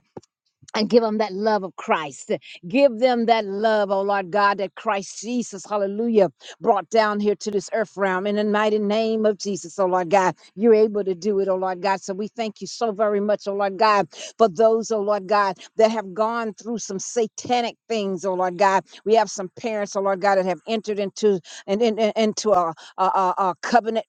S5: and give them that love of Christ. Give them that love, oh Lord God, that Christ Jesus, hallelujah, brought down here to this earth realm in the mighty name of Jesus, oh Lord God. You're able to do it, oh Lord God. So we thank you so very much, oh Lord God, for those, oh Lord God, that have gone through some satanic things, oh Lord God. We have some parents, oh Lord God, that have entered into and in, in- into a, a, a a covenant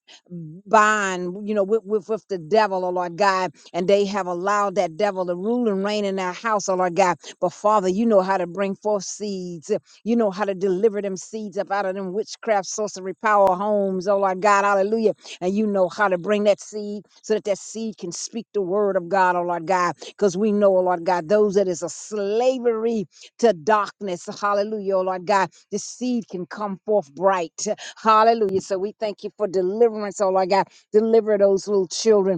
S5: bind, you know, with, with, with the devil, oh Lord God and they have allowed that devil to rule and reign in their house, oh Lord God. But Father, you know how to bring forth seeds. You know how to deliver them seeds up out of them witchcraft, sorcery, power homes, oh Lord God, hallelujah. And you know how to bring that seed so that that seed can speak the word of God, oh Lord God. Because we know, oh Lord God, those that is a slavery to darkness, hallelujah, oh Lord God, the seed can come forth bright, hallelujah. So we thank you for deliverance, oh Lord God. Deliver those little children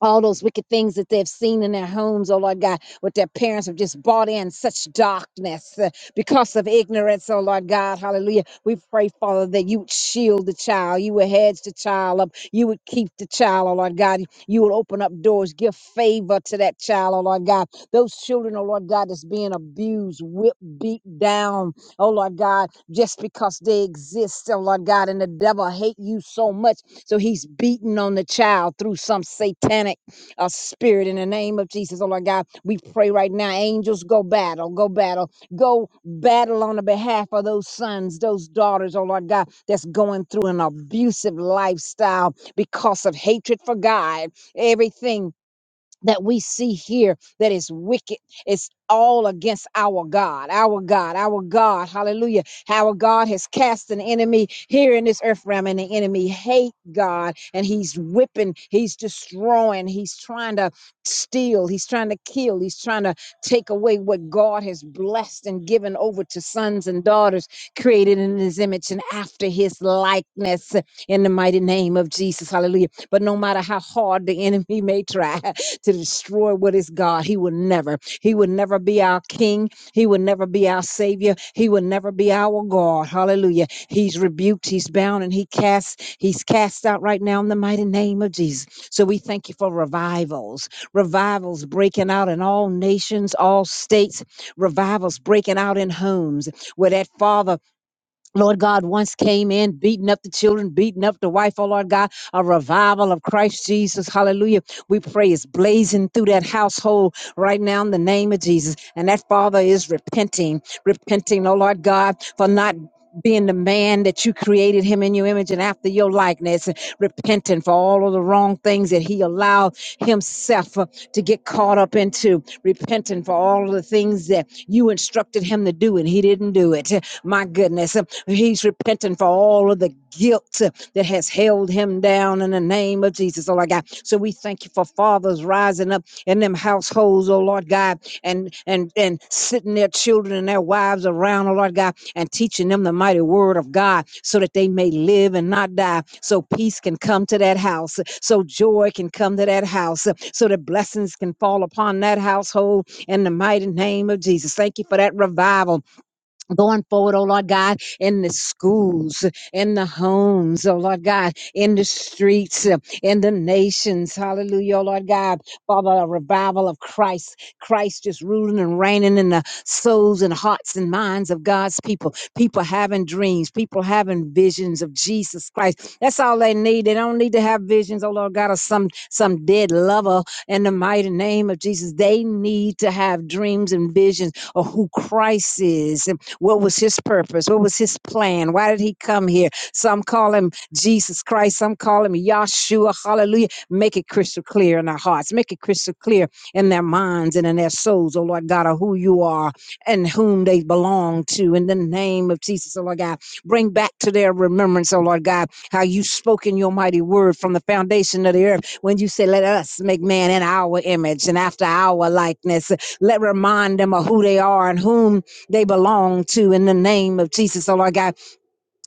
S5: all those wicked things that they've seen in their homes, oh Lord God, what their parents have just bought in such darkness uh, because of ignorance, oh Lord God, hallelujah. We pray, Father, that you would shield the child, you would hedge the child up, you would keep the child, oh Lord God, you would open up doors, give favor to that child, oh Lord God. Those children, oh Lord God, that's being abused, whipped, beat down, oh Lord God, just because they exist, oh Lord God, and the devil hate you so much so he's beating on the child through some satanic uh, spirit in the name of Jesus. Oh, Lord God, we pray right now. Angels, go battle, go battle, go battle on the behalf of those sons, those daughters, oh, Lord God, that's going through an abusive lifestyle because of hatred for God. Everything that we see here that is wicked. It's all against our God, our God, our God. Hallelujah. Our God has cast an enemy here in this earth realm, and the enemy hate God, and he's whipping, he's destroying, he's trying to steal, he's trying to kill, he's trying to take away what God has blessed and given over to sons and daughters created in his image and after his likeness in the mighty name of Jesus. Hallelujah. But no matter how hard the enemy may try, to destroy what is God. He will never. He will never be our king. He will never be our savior. He will never be our God. Hallelujah. He's rebuked, he's bound, and he casts, he's cast out right now in the mighty name of Jesus. So we thank you for revivals. Revivals breaking out in all nations, all states. Revivals breaking out in homes where that father Lord God, once came in, beating up the children, beating up the wife, oh Lord God, a revival of Christ Jesus. Hallelujah. We pray it's blazing through that household right now in the name of Jesus. And that father is repenting, repenting, oh Lord God, for not being the man that you created him in your image and after your likeness, and repenting for all of the wrong things that he allowed himself uh, to get caught up into, repenting for all of the things that you instructed him to do and he didn't do it. My goodness. He's repenting for all of the guilt uh, that has held him down in the name of Jesus, oh Lord God. So we thank you for fathers rising up in them households, oh Lord God, and and and sitting their children and their wives around, oh Lord God, and teaching them the mighty word of God so that they may live and not die. So peace can come to that house, so joy can come to that house, so that blessings can fall upon that household in the mighty name of Jesus. Thank you for that revival going forward, oh Lord God, in the schools, in the homes, oh Lord God, in the streets, uh, in the nations, hallelujah, oh Lord God, Father, a revival of Christ, Christ just ruling and reigning in the souls and hearts and minds of God's people, people having dreams, people having visions of Jesus Christ. That's all they need. They don't need to have visions, oh Lord God, of some, some dead lover in the mighty name of Jesus. They need to have dreams and visions of who Christ is what was his purpose? What was his plan? Why did he come here? Some call him Jesus Christ, some call him Yahshua. Hallelujah. Make it crystal clear in our hearts, make it crystal clear in their minds and in their souls, oh Lord God, of who you are and whom they belong to. In the name of Jesus, oh Lord God, bring back to their remembrance, oh Lord God, how you spoke in your mighty word from the foundation of the earth when you said, Let us make man in our image and after our likeness. Let remind them of who they are and whom they belong to in the name of Jesus. So Lord God,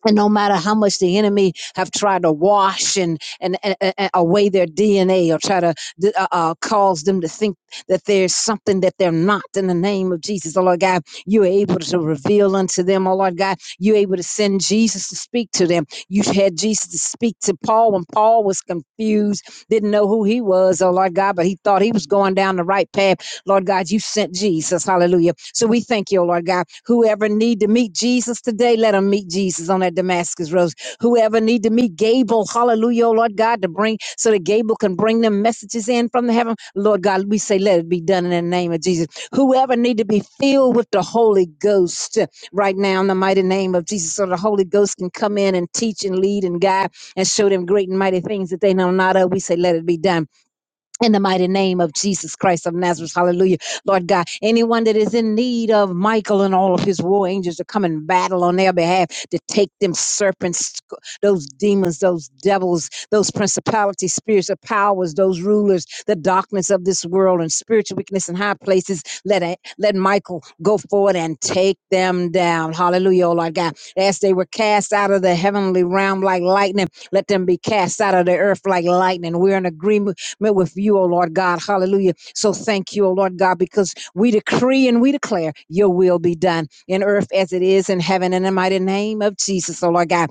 S5: and no matter how much the enemy have tried to wash and and, and, and away their DNA or try to uh, uh, cause them to think that there's something that they're not in the name of Jesus. Oh Lord God, you're able to reveal unto them, oh Lord God, you're able to send Jesus to speak to them. You had Jesus to speak to Paul when Paul was confused, didn't know who he was, oh Lord God, but he thought he was going down the right path Lord God, you sent Jesus. Hallelujah. So we thank you, oh Lord God. Whoever need to meet Jesus today, let them meet Jesus on that Damascus Road. Whoever need to meet Gable, hallelujah, oh Lord God, to bring so that Gable can bring them messages in from the heaven. Lord God, we say, let it be done in the name of Jesus. Whoever need to be filled with the Holy Ghost uh, right now in the mighty name of Jesus, so the Holy Ghost can come in and teach and lead and guide and show them great and mighty things that they know not of. We say, let it be done in the mighty name of Jesus Christ of Nazareth, hallelujah. Lord God, anyone that is in need of Michael and all of his war angels to come and battle on their behalf, to take them serpents, those demons, those devils, those principalities, spirits of powers, those rulers, the darkness of this world and spiritual weakness in high places, let, it, let Michael go forward and take them down. Hallelujah, oh Lord God. As they were cast out of the heavenly realm like lightning, let them be cast out of the earth like lightning. We're in agreement met with you, O Lord God. Hallelujah. So thank you, O Lord God, because we decree and we declare your will be done in earth as it is in heaven in the mighty name of Jesus, O Lord God.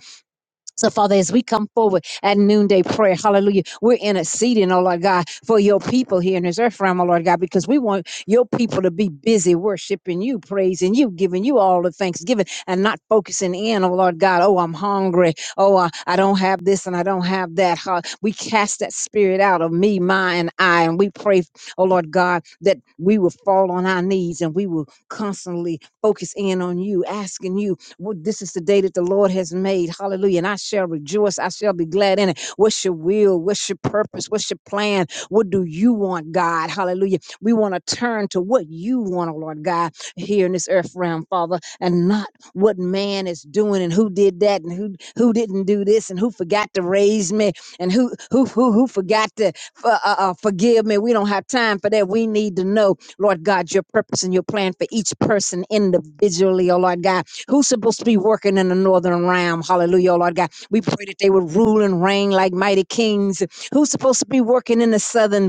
S5: So, Father, as we come forward at noonday prayer, hallelujah, we're interceding, oh Lord God, for your people here in this earth realm, oh Lord God, because we want your people to be busy worshiping you, praising you, giving you all the thanksgiving and not focusing in, oh Lord God, oh, I'm hungry, oh, I, I don't have this and I don't have that. Ha- We cast that spirit out of me, my, and I, and we pray, oh Lord God, that we will fall on our knees and we will constantly focus in on you, asking you well, this is the day that the Lord has made. Hallelujah. And I shall rejoice. I shall be glad in it. What's your will? What's your purpose? What's your plan? What do you want, God? Hallelujah. We want to turn to what you want, oh Lord God, here in this earth realm, Father, and not what man is doing and who did that and who who didn't do this and who forgot to raise me and who who who, who forgot to for, uh, uh, uh, forgive me. We don't have time for that. We need to know, Lord God, your purpose and your plan for each person individually, oh Lord God. Who's supposed to be working in the northern realm? Hallelujah, oh Lord God. We pray that they would rule and reign like mighty kings. Who's supposed to be working in the southern?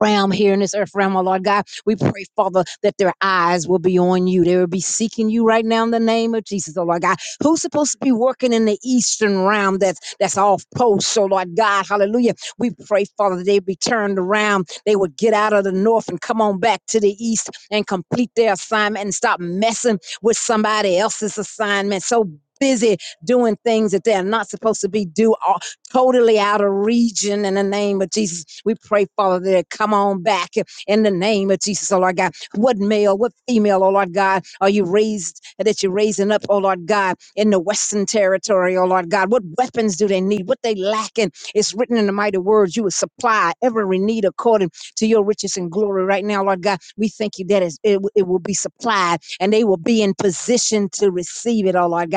S5: realm here in this earth realm, oh Lord God. We pray, Father, that their eyes will be on you. They will be seeking you right now in the name of Jesus, oh Lord God. Who's supposed to be working in the eastern realm that's that's off post, so Lord God, hallelujah. We pray, Father, that they be turned around. They would get out of the north and come on back to the east and complete their assignment and stop messing with somebody else's assignment. So busy doing things that they're not supposed to be do totally out of region in the name of Jesus. We pray, Father, that it come on back in the name of Jesus, oh Lord God. What male, what female, oh Lord God, are you raised that you're raising up, oh Lord God, in the Western territory, oh Lord God? What weapons do they need? What they lacking? It's written in the mighty words, you will supply every need according to your riches and glory right now, Lord God. We thank you that it's- it, w- it will be supplied and they will be in position to receive it, oh Lord God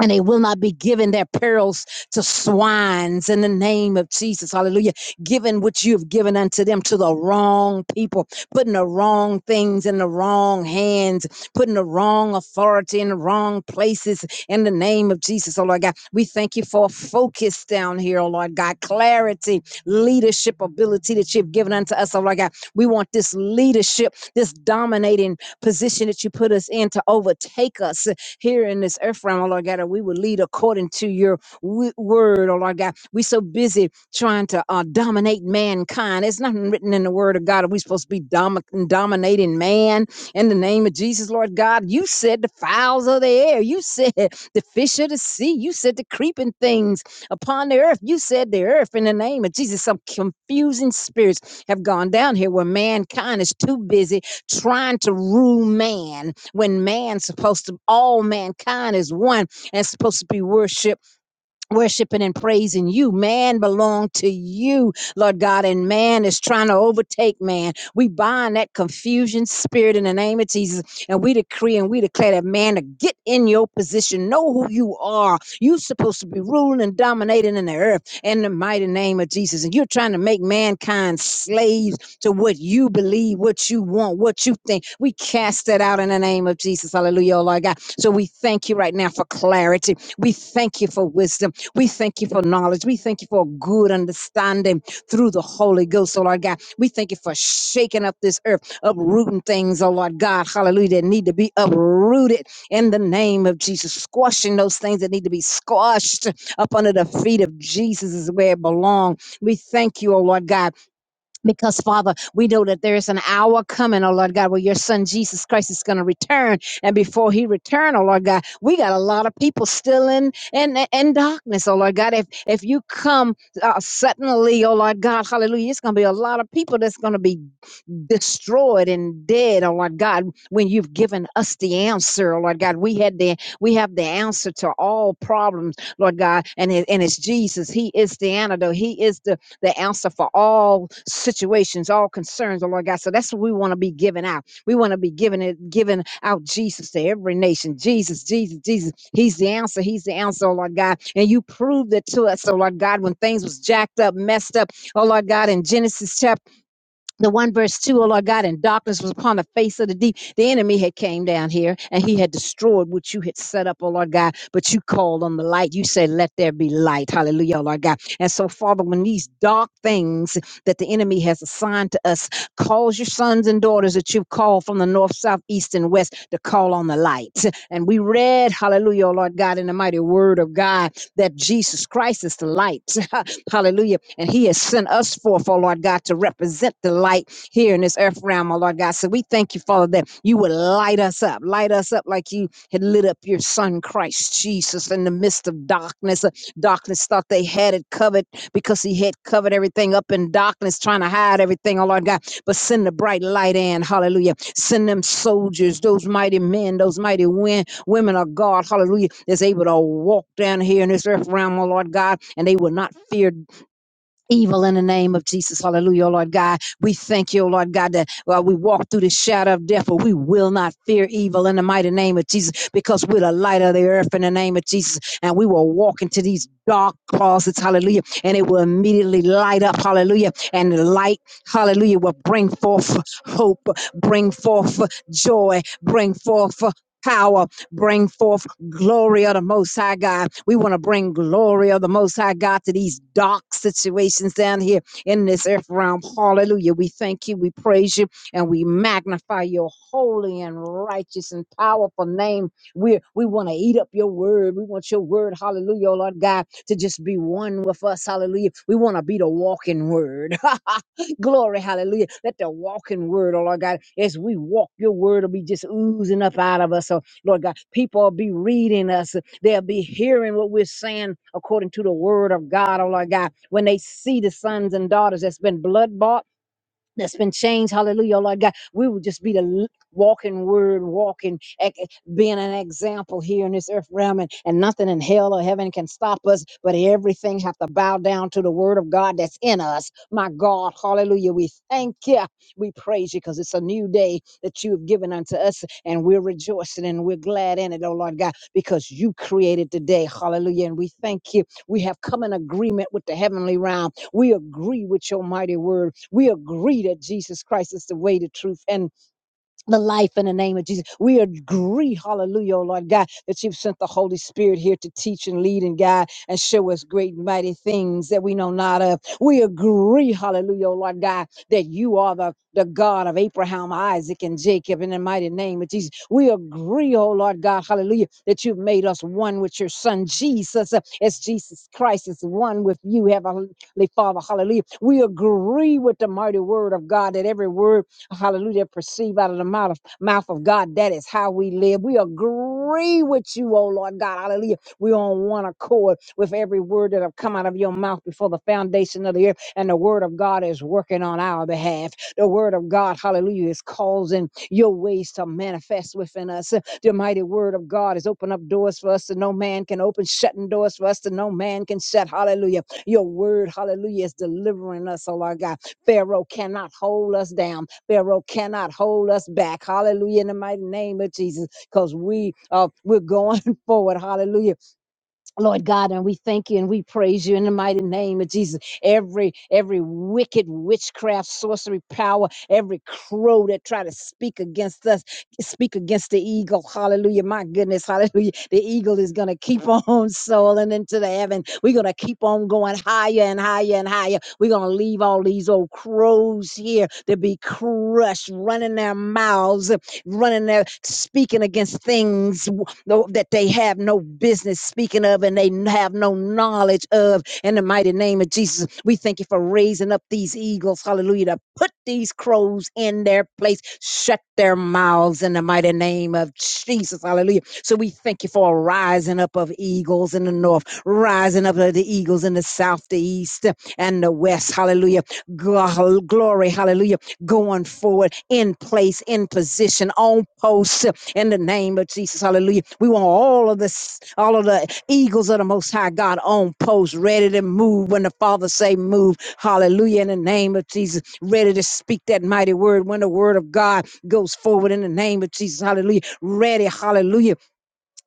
S5: and they will not be given their pearls to swines in the name of Jesus. Hallelujah. Giving what you have given unto them to the wrong people, putting the wrong things in the wrong hands, putting the wrong authority in the wrong places in the name of Jesus. Oh Lord God, we thank you for focus down here, oh Lord God, clarity, leadership ability that you've given unto us, oh Lord God. We want this leadership, this dominating position that you put us in to overtake us here in this earth realm, oh Lord God, that we will lead according to your w- word, oh Lord God. we so busy trying to uh, dominate mankind. It's nothing written in the word of God. Are we supposed to be domi- dominating man in the name of Jesus, Lord God? You said the fowls of the air. You said the fish of the sea. You said the creeping things upon the earth. You said the earth in the name of Jesus. Some confusing spirits have gone down here where mankind is too busy trying to rule man when man's supposed to all mankind is one and supposed to be worshipped worshiping and praising you. Man belong to you, Lord God, and man is trying to overtake man. We bind that confusion spirit in the name of Jesus, and we decree and we declare that man to get in your position, know who you are. You're supposed to be ruling and dominating in the earth in the mighty name of Jesus. And you're trying to make mankind slaves to what you believe, what you want, what you think. We cast that out in the name of Jesus. Hallelujah, oh Lord God. So we thank you right now for clarity. We thank you for wisdom. We thank you for knowledge. We thank you for good understanding through the Holy Ghost, oh Lord God. We thank you for shaking up this earth, uprooting things, oh Lord God. Hallelujah. That need to be uprooted in the name of Jesus, squashing those things that need to be squashed up under the feet of Jesus is where it belongs. We thank you, oh Lord God because, Father, we know that there is an hour coming, oh Lord God, where your son Jesus Christ is going to return. And before he return, oh Lord God, we got a lot of people still in in, in darkness, oh Lord God. If if you come uh, suddenly, oh Lord God, hallelujah, it's going to be a lot of people that's going to be destroyed and dead, oh Lord God, when you've given us the answer, oh Lord God. We had the we have the answer to all problems, Lord God, and it, and it's Jesus. He is the antidote. He is the the answer for all situations, all concerns, oh Lord God. So that's what we want to be giving out. We want to be giving it, giving out Jesus to every nation. Jesus, Jesus, Jesus. He's the answer. He's the answer, oh Lord God. And you proved it to us, oh Lord God, when things was jacked up, messed up, oh Lord God, in Genesis chapter the one verse two, O Lord God, and darkness was upon the face of the deep. The enemy had came down here and he had destroyed what you had set up, O Lord God, but you called on the light. You said, let there be light. Hallelujah, O Lord God. And so, Father, when these dark things that the enemy has assigned to us, cause your sons and daughters that you've called from the north, south, east, and west to call on the light. And we read, hallelujah, O Lord God, in the mighty word of God, that Jesus Christ is the light. Hallelujah. And he has sent us forth, oh Lord God, to represent the light here in this earth realm, oh Lord God. So we thank you, Father, that you would light us up, light us up like you had lit up your son, Christ Jesus, in the midst of darkness. Uh, Darkness thought they had it covered because he had covered everything up in darkness, trying to hide everything, oh Lord God. But send the bright light in, hallelujah. Send them soldiers, those mighty men, those mighty women women of God, hallelujah, that's able to walk down here in this earth realm, oh Lord God, and they will not fear evil in the name of Jesus, hallelujah, oh Lord God. We thank you, oh Lord God, that while we walk through the shadow of death, but we will not fear evil in the mighty name of Jesus because we're the light of the earth in the name of Jesus, and we will walk into these dark closets, hallelujah, and it will immediately light up, hallelujah, and the light, hallelujah, will bring forth hope, bring forth joy, bring forth power bring forth glory of the Most High God. We want to bring glory of the Most High God to these dark situations down here in this earth realm. Hallelujah. We thank you, we praise you, and we magnify your holy and righteous and powerful name. We, we want to eat up your word. We want your word, hallelujah, oh Lord God, to just be one with us. Hallelujah. We want to be the walking word. Glory, hallelujah. Let the walking word, oh Lord God, as we walk your word will be just oozing up out of us, oh Lord God. People will be reading us. They'll be hearing what we're saying according to the word of God, oh Lord God. When they see the sons and daughters that's been blood bought that's been changed. Hallelujah, Lord God. We will just be the l- walking word, walking, ex- being an example here in this earth realm, and, and nothing in hell or heaven can stop us, but everything have to bow down to the word of God that's in us. My God, hallelujah. We thank you. We praise you because it's a new day that you have given unto us, and we're rejoicing and we're glad in it, oh Lord God, because you created the day. Hallelujah. And we thank you. We have come in agreement with the heavenly realm. We agree with your mighty word. We agree that Jesus Christ is the way, the truth, and the life in the name of Jesus. We agree, hallelujah, oh Lord God, that you've sent the Holy Spirit here to teach and lead and guide and show us great and mighty things that we know not of. We agree, hallelujah, oh Lord God, that you are the, the God of Abraham, Isaac, and Jacob in the mighty name of Jesus. We agree, oh Lord God, hallelujah, that you've made us one with your son Jesus, uh, as Jesus Christ is one with you, Heavenly Father, hallelujah. We agree with the mighty word of God that every word hallelujah, perceive out of the mouth of, mouth of God. That is how we live. We agree with you, oh Lord God, hallelujah. We're on one accord with every word that have come out of your mouth before the foundation of the earth. And the word of God is working on our behalf. The word of God, hallelujah, is causing your ways to manifest within us. The mighty word of God has opened up doors for us that no man can open, shutting doors for us that no man can shut. Hallelujah. Your word, hallelujah, is delivering us, oh Lord God. Pharaoh cannot hold us down. Pharaoh cannot hold us back. Hallelujah. In the mighty name of Jesus, because we are we're going forward. Hallelujah Lord God, and we thank you and we praise you in the mighty name of Jesus. Every every wicked witchcraft, sorcery, power, every crow that try to speak against us, speak against the eagle. Hallelujah! My goodness, hallelujah! The eagle is gonna keep on soaring into the heaven. We're gonna keep on going higher and higher and higher. We're gonna leave all these old crows here to be crushed, running their mouths, running their speaking against things no- that they have no business speaking of and they have no knowledge of. In the mighty name of Jesus, we thank you for raising up these eagles, hallelujah, to put these crows in their place, shut their mouths in the mighty name of Jesus, hallelujah. So we thank you for a rising up of eagles in the north, rising up of the eagles in the south, the east, and the west, hallelujah. Gl- Glory, hallelujah going forward in place, in position, on post in the name of Jesus. Hallelujah. We want all of this, all of the eagles of the most high God on post, ready to move when the Father say move. Hallelujah. In the name of Jesus, ready to speak that mighty word when the word of God goes forward in the name of Jesus. Hallelujah. Ready, hallelujah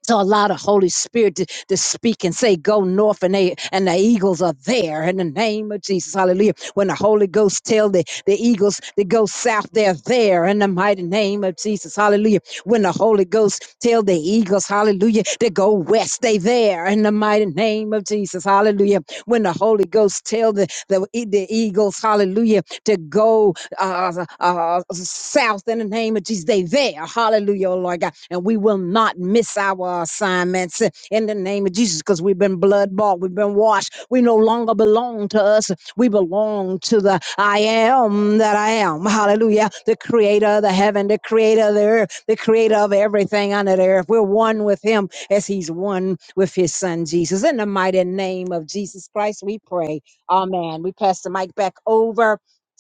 S5: so allow the Holy Spirit to, to speak and say, go north and they and the eagles are there in the name of Jesus. Hallelujah. When the Holy Ghost tell the, the eagles to go south, they're there in the mighty name of Jesus. Hallelujah. When the Holy Ghost tell the eagles, hallelujah, to go west, they there in the mighty name of Jesus. Hallelujah. When the Holy Ghost tell the, the, e- the eagles, hallelujah, to go uh, uh, uh, uh, south in the name of Jesus. They there. Hallelujah, oh Lord God. And we will not miss our assignments uh, in the name of Jesus because we've been blood bought. We've been washed. We no longer belong to us. We belong to the I am that I am. Hallelujah. The creator of the heaven, the creator of the earth, the creator of everything under the earth. We're one with him as he's one with his son Jesus. In the mighty name of Jesus Christ, we pray. Amen. We pass the mic back over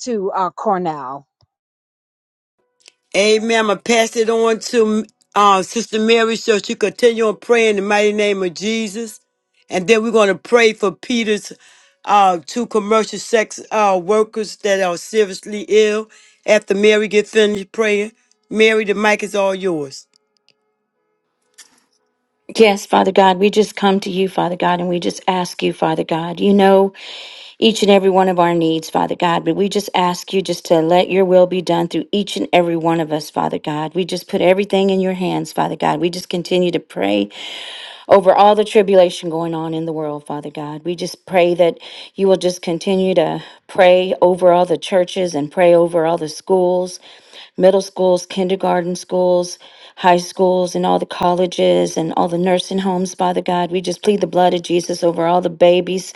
S5: to uh, Cornell.
S1: Amen. I'm going to pass it on to uh, Sister Mary so she continue on praying in the mighty name of Jesus. And then we're going to pray for Peter's uh, two commercial sex uh, workers that are seriously ill. After Mary get finished praying, Mary, the mic is all yours.
S6: Yes, Father God, we just come to you, Father God, and we just ask you, Father God. You know each and every one of our needs, Father God, but we just ask you just to let your will be done through each and every one of us, Father God. We just put everything in your hands, Father God. We just continue to pray over all the tribulation going on in the world, Father God. We just pray that you will just continue to pray over all the churches and pray over all the schools, middle schools, kindergarten schools, high schools, and all the colleges and all the nursing homes, Father God. We just plead the blood of Jesus over all the babies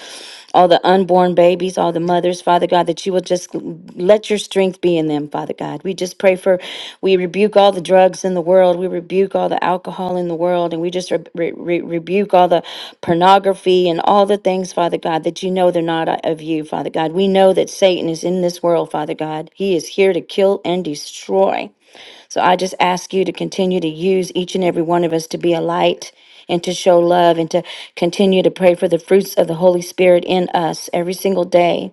S6: all the unborn babies, all the mothers, Father God, that you will just let your strength be in them, Father God. We just pray for, we rebuke all the drugs in the world. We rebuke all the alcohol in the world. And we just re- re- re- rebuke all the pornography and all the things, Father God, that you know they're not uh, of you, Father God. We know that Satan is in this world, Father God. He is here to kill and destroy. So I just ask you to continue to use each and every one of us to be a light and to show love and to continue to pray for the fruits of the Holy Spirit in us every single day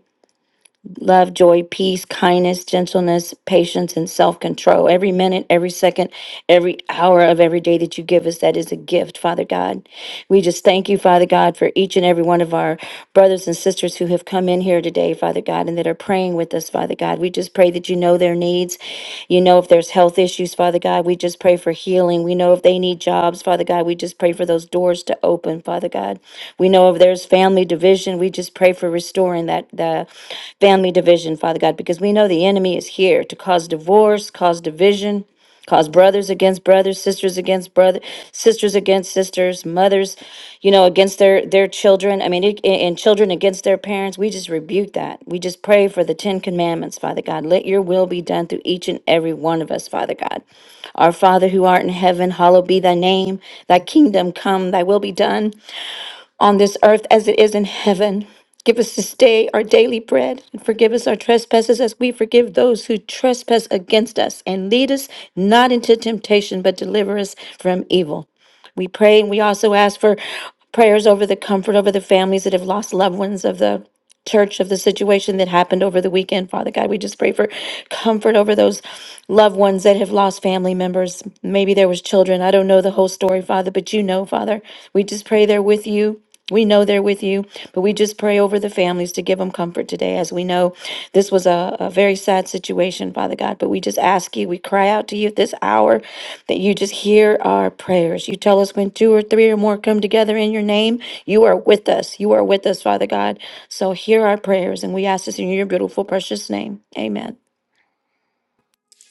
S6: love, joy, peace, kindness, gentleness, patience, and self control. Every minute, every second, every hour of every day that you give us, that is a gift, Father God. We just thank you, Father God, for each and every one of our brothers and sisters who have come in here today, Father God, and that are praying with us, Father God. We just pray that you know their needs. You know if there's health issues, Father God. We just pray for healing. We know if they need jobs, Father God. We just pray for those doors to open, Father God. We know if there's family division. we we just pray for restoring that the family division, Father God, because we know the enemy is here to cause divorce, cause division, cause brothers against brothers, sisters against brother, sisters against sisters, mothers, you know, against their their children. I mean, it, and and children against their parents. We just rebuke that. We just pray for the Ten Commandments, Father God. Let Your will be done through each and every one of us, Father God. Our Father who art in heaven, hallowed be Thy name. Thy kingdom come. Thy will be done on this earth as it is in heaven. Give us this day our daily bread, and forgive us our trespasses as we forgive those who trespass against us. And lead us not into temptation, but deliver us from evil. We pray and we also ask for prayers over the comfort over the families that have lost loved ones of the church of the situation that happened over the weekend. Father God, we just pray for comfort over those loved ones that have lost family members. Maybe there was children. I don't know the whole story, Father, but you know, Father. We just pray they're with you we know they're with you, but we just pray over the families to give them comfort today. As we know, this was a, a very sad situation, Father God, but we just ask you, we cry out to you at this hour that you just hear our prayers. You tell us when two or three or more come together in your name, you are with us. You are with us, Father God. So hear our prayers, and we ask this in your beautiful, precious name. Amen.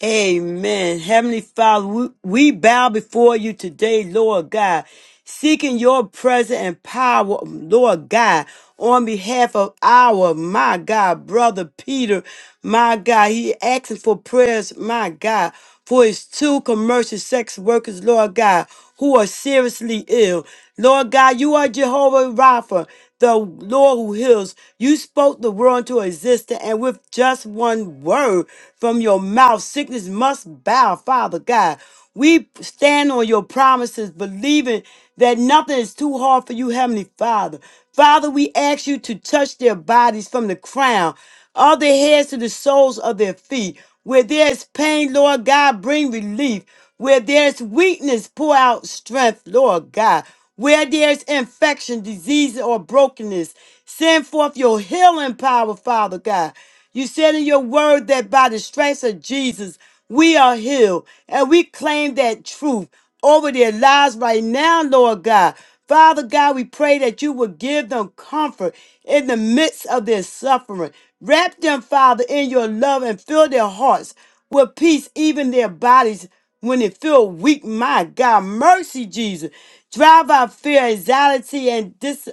S1: Amen. Heavenly Father, we, we bow before you today, Lord God, seeking your presence and power, Lord God, on behalf of our, my God, brother Peter, my God. He asking for prayers, my God, for his two commercial sex workers, Lord God, who are seriously ill. Lord God, you are Jehovah Rapha the Lord who heals. You spoke the world into existence, and with just one word from your mouth, sickness must bow, Father God. We stand on your promises, believing that nothing is too hard for you, Heavenly Father. Father, we ask you to touch their bodies from the crown of their heads to the soles of their feet. Where there is pain, Lord God, bring relief. Where there is weakness, pour out strength, Lord God. Where there's infection, disease, or brokenness, send forth your healing power, Father God. You said in your word that by the stripes of Jesus, we are healed. And we claim that truth over their lives right now, Lord God. Father God, we pray that you would give them comfort in the midst of their suffering. Wrap them, Father, in your love and fill their hearts with peace, even their bodies when it feel weak. My God, mercy, Jesus. Drive out fear, anxiety, and discouragement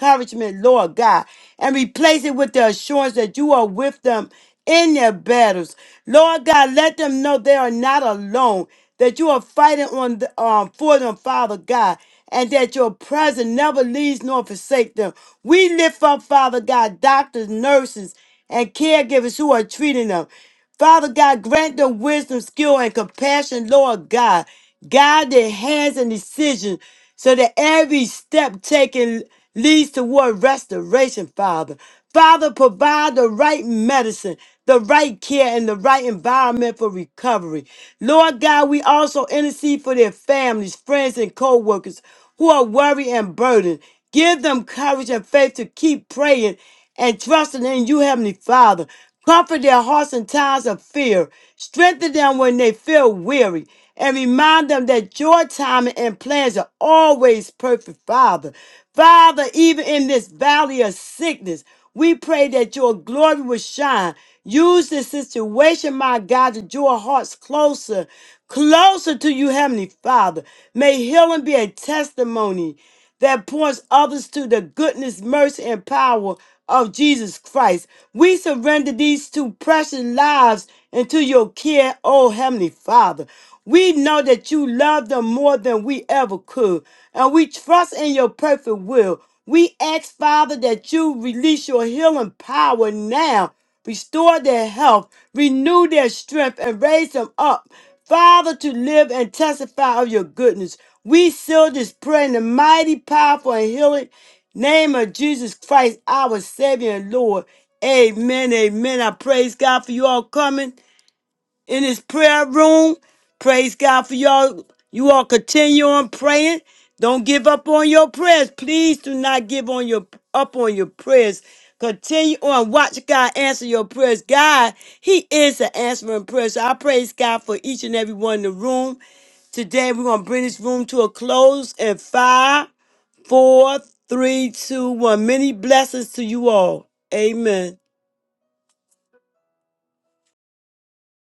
S1: encouragement, Lord God, and replace it with the assurance that you are with them in their battles. Lord God, let them know they are not alone, that you are fighting on the, um, for them, Father God, and that your presence never leaves nor forsake them. We lift up, Father God, doctors, nurses, and caregivers who are treating them. Father God, grant them wisdom, skill, and compassion, Lord God. Guide their hands and decisions so that every step taken leads toward restoration, Father. Father, provide the right medicine, the right care, and the right environment for recovery. Lord God, we also intercede for their families, friends, and co workers who are worried and burdened. Give them courage and faith to keep praying and trusting in you, Heavenly Father. Comfort their hearts in times of fear. Strengthen them when they feel weary. And remind them that your timing and plans are always perfect, Father. Father, even in this valley of sickness, we pray that your glory will shine. Use this situation, my God, to draw hearts closer, closer to you, Heavenly Father. May healing be a testimony that points others to the goodness, mercy, and power of Jesus Christ. We surrender these two precious lives into your care, oh Heavenly Father. We know that you love them more than we ever could, and we trust in your perfect will. We ask, Father, that you release your healing power now Restore their health, renew their strength, and raise them up, Father, to live and testify of your goodness. We seal this prayer in the mighty, powerful, and healing name of Jesus Christ, our Savior and Lord. Amen. Amen. I praise God for you all coming in his prayer room. Praise God for y'all. You all continue on praying. Don't give up on your prayers. Please do not give on your up on your prayers. Continue on. Watch God answer your prayers. God, He is the answering prayer. So I praise God for each and every one in the room. Today we're gonna bring this room to a close in five, four, three, two, one. Many blessings to you all. Amen.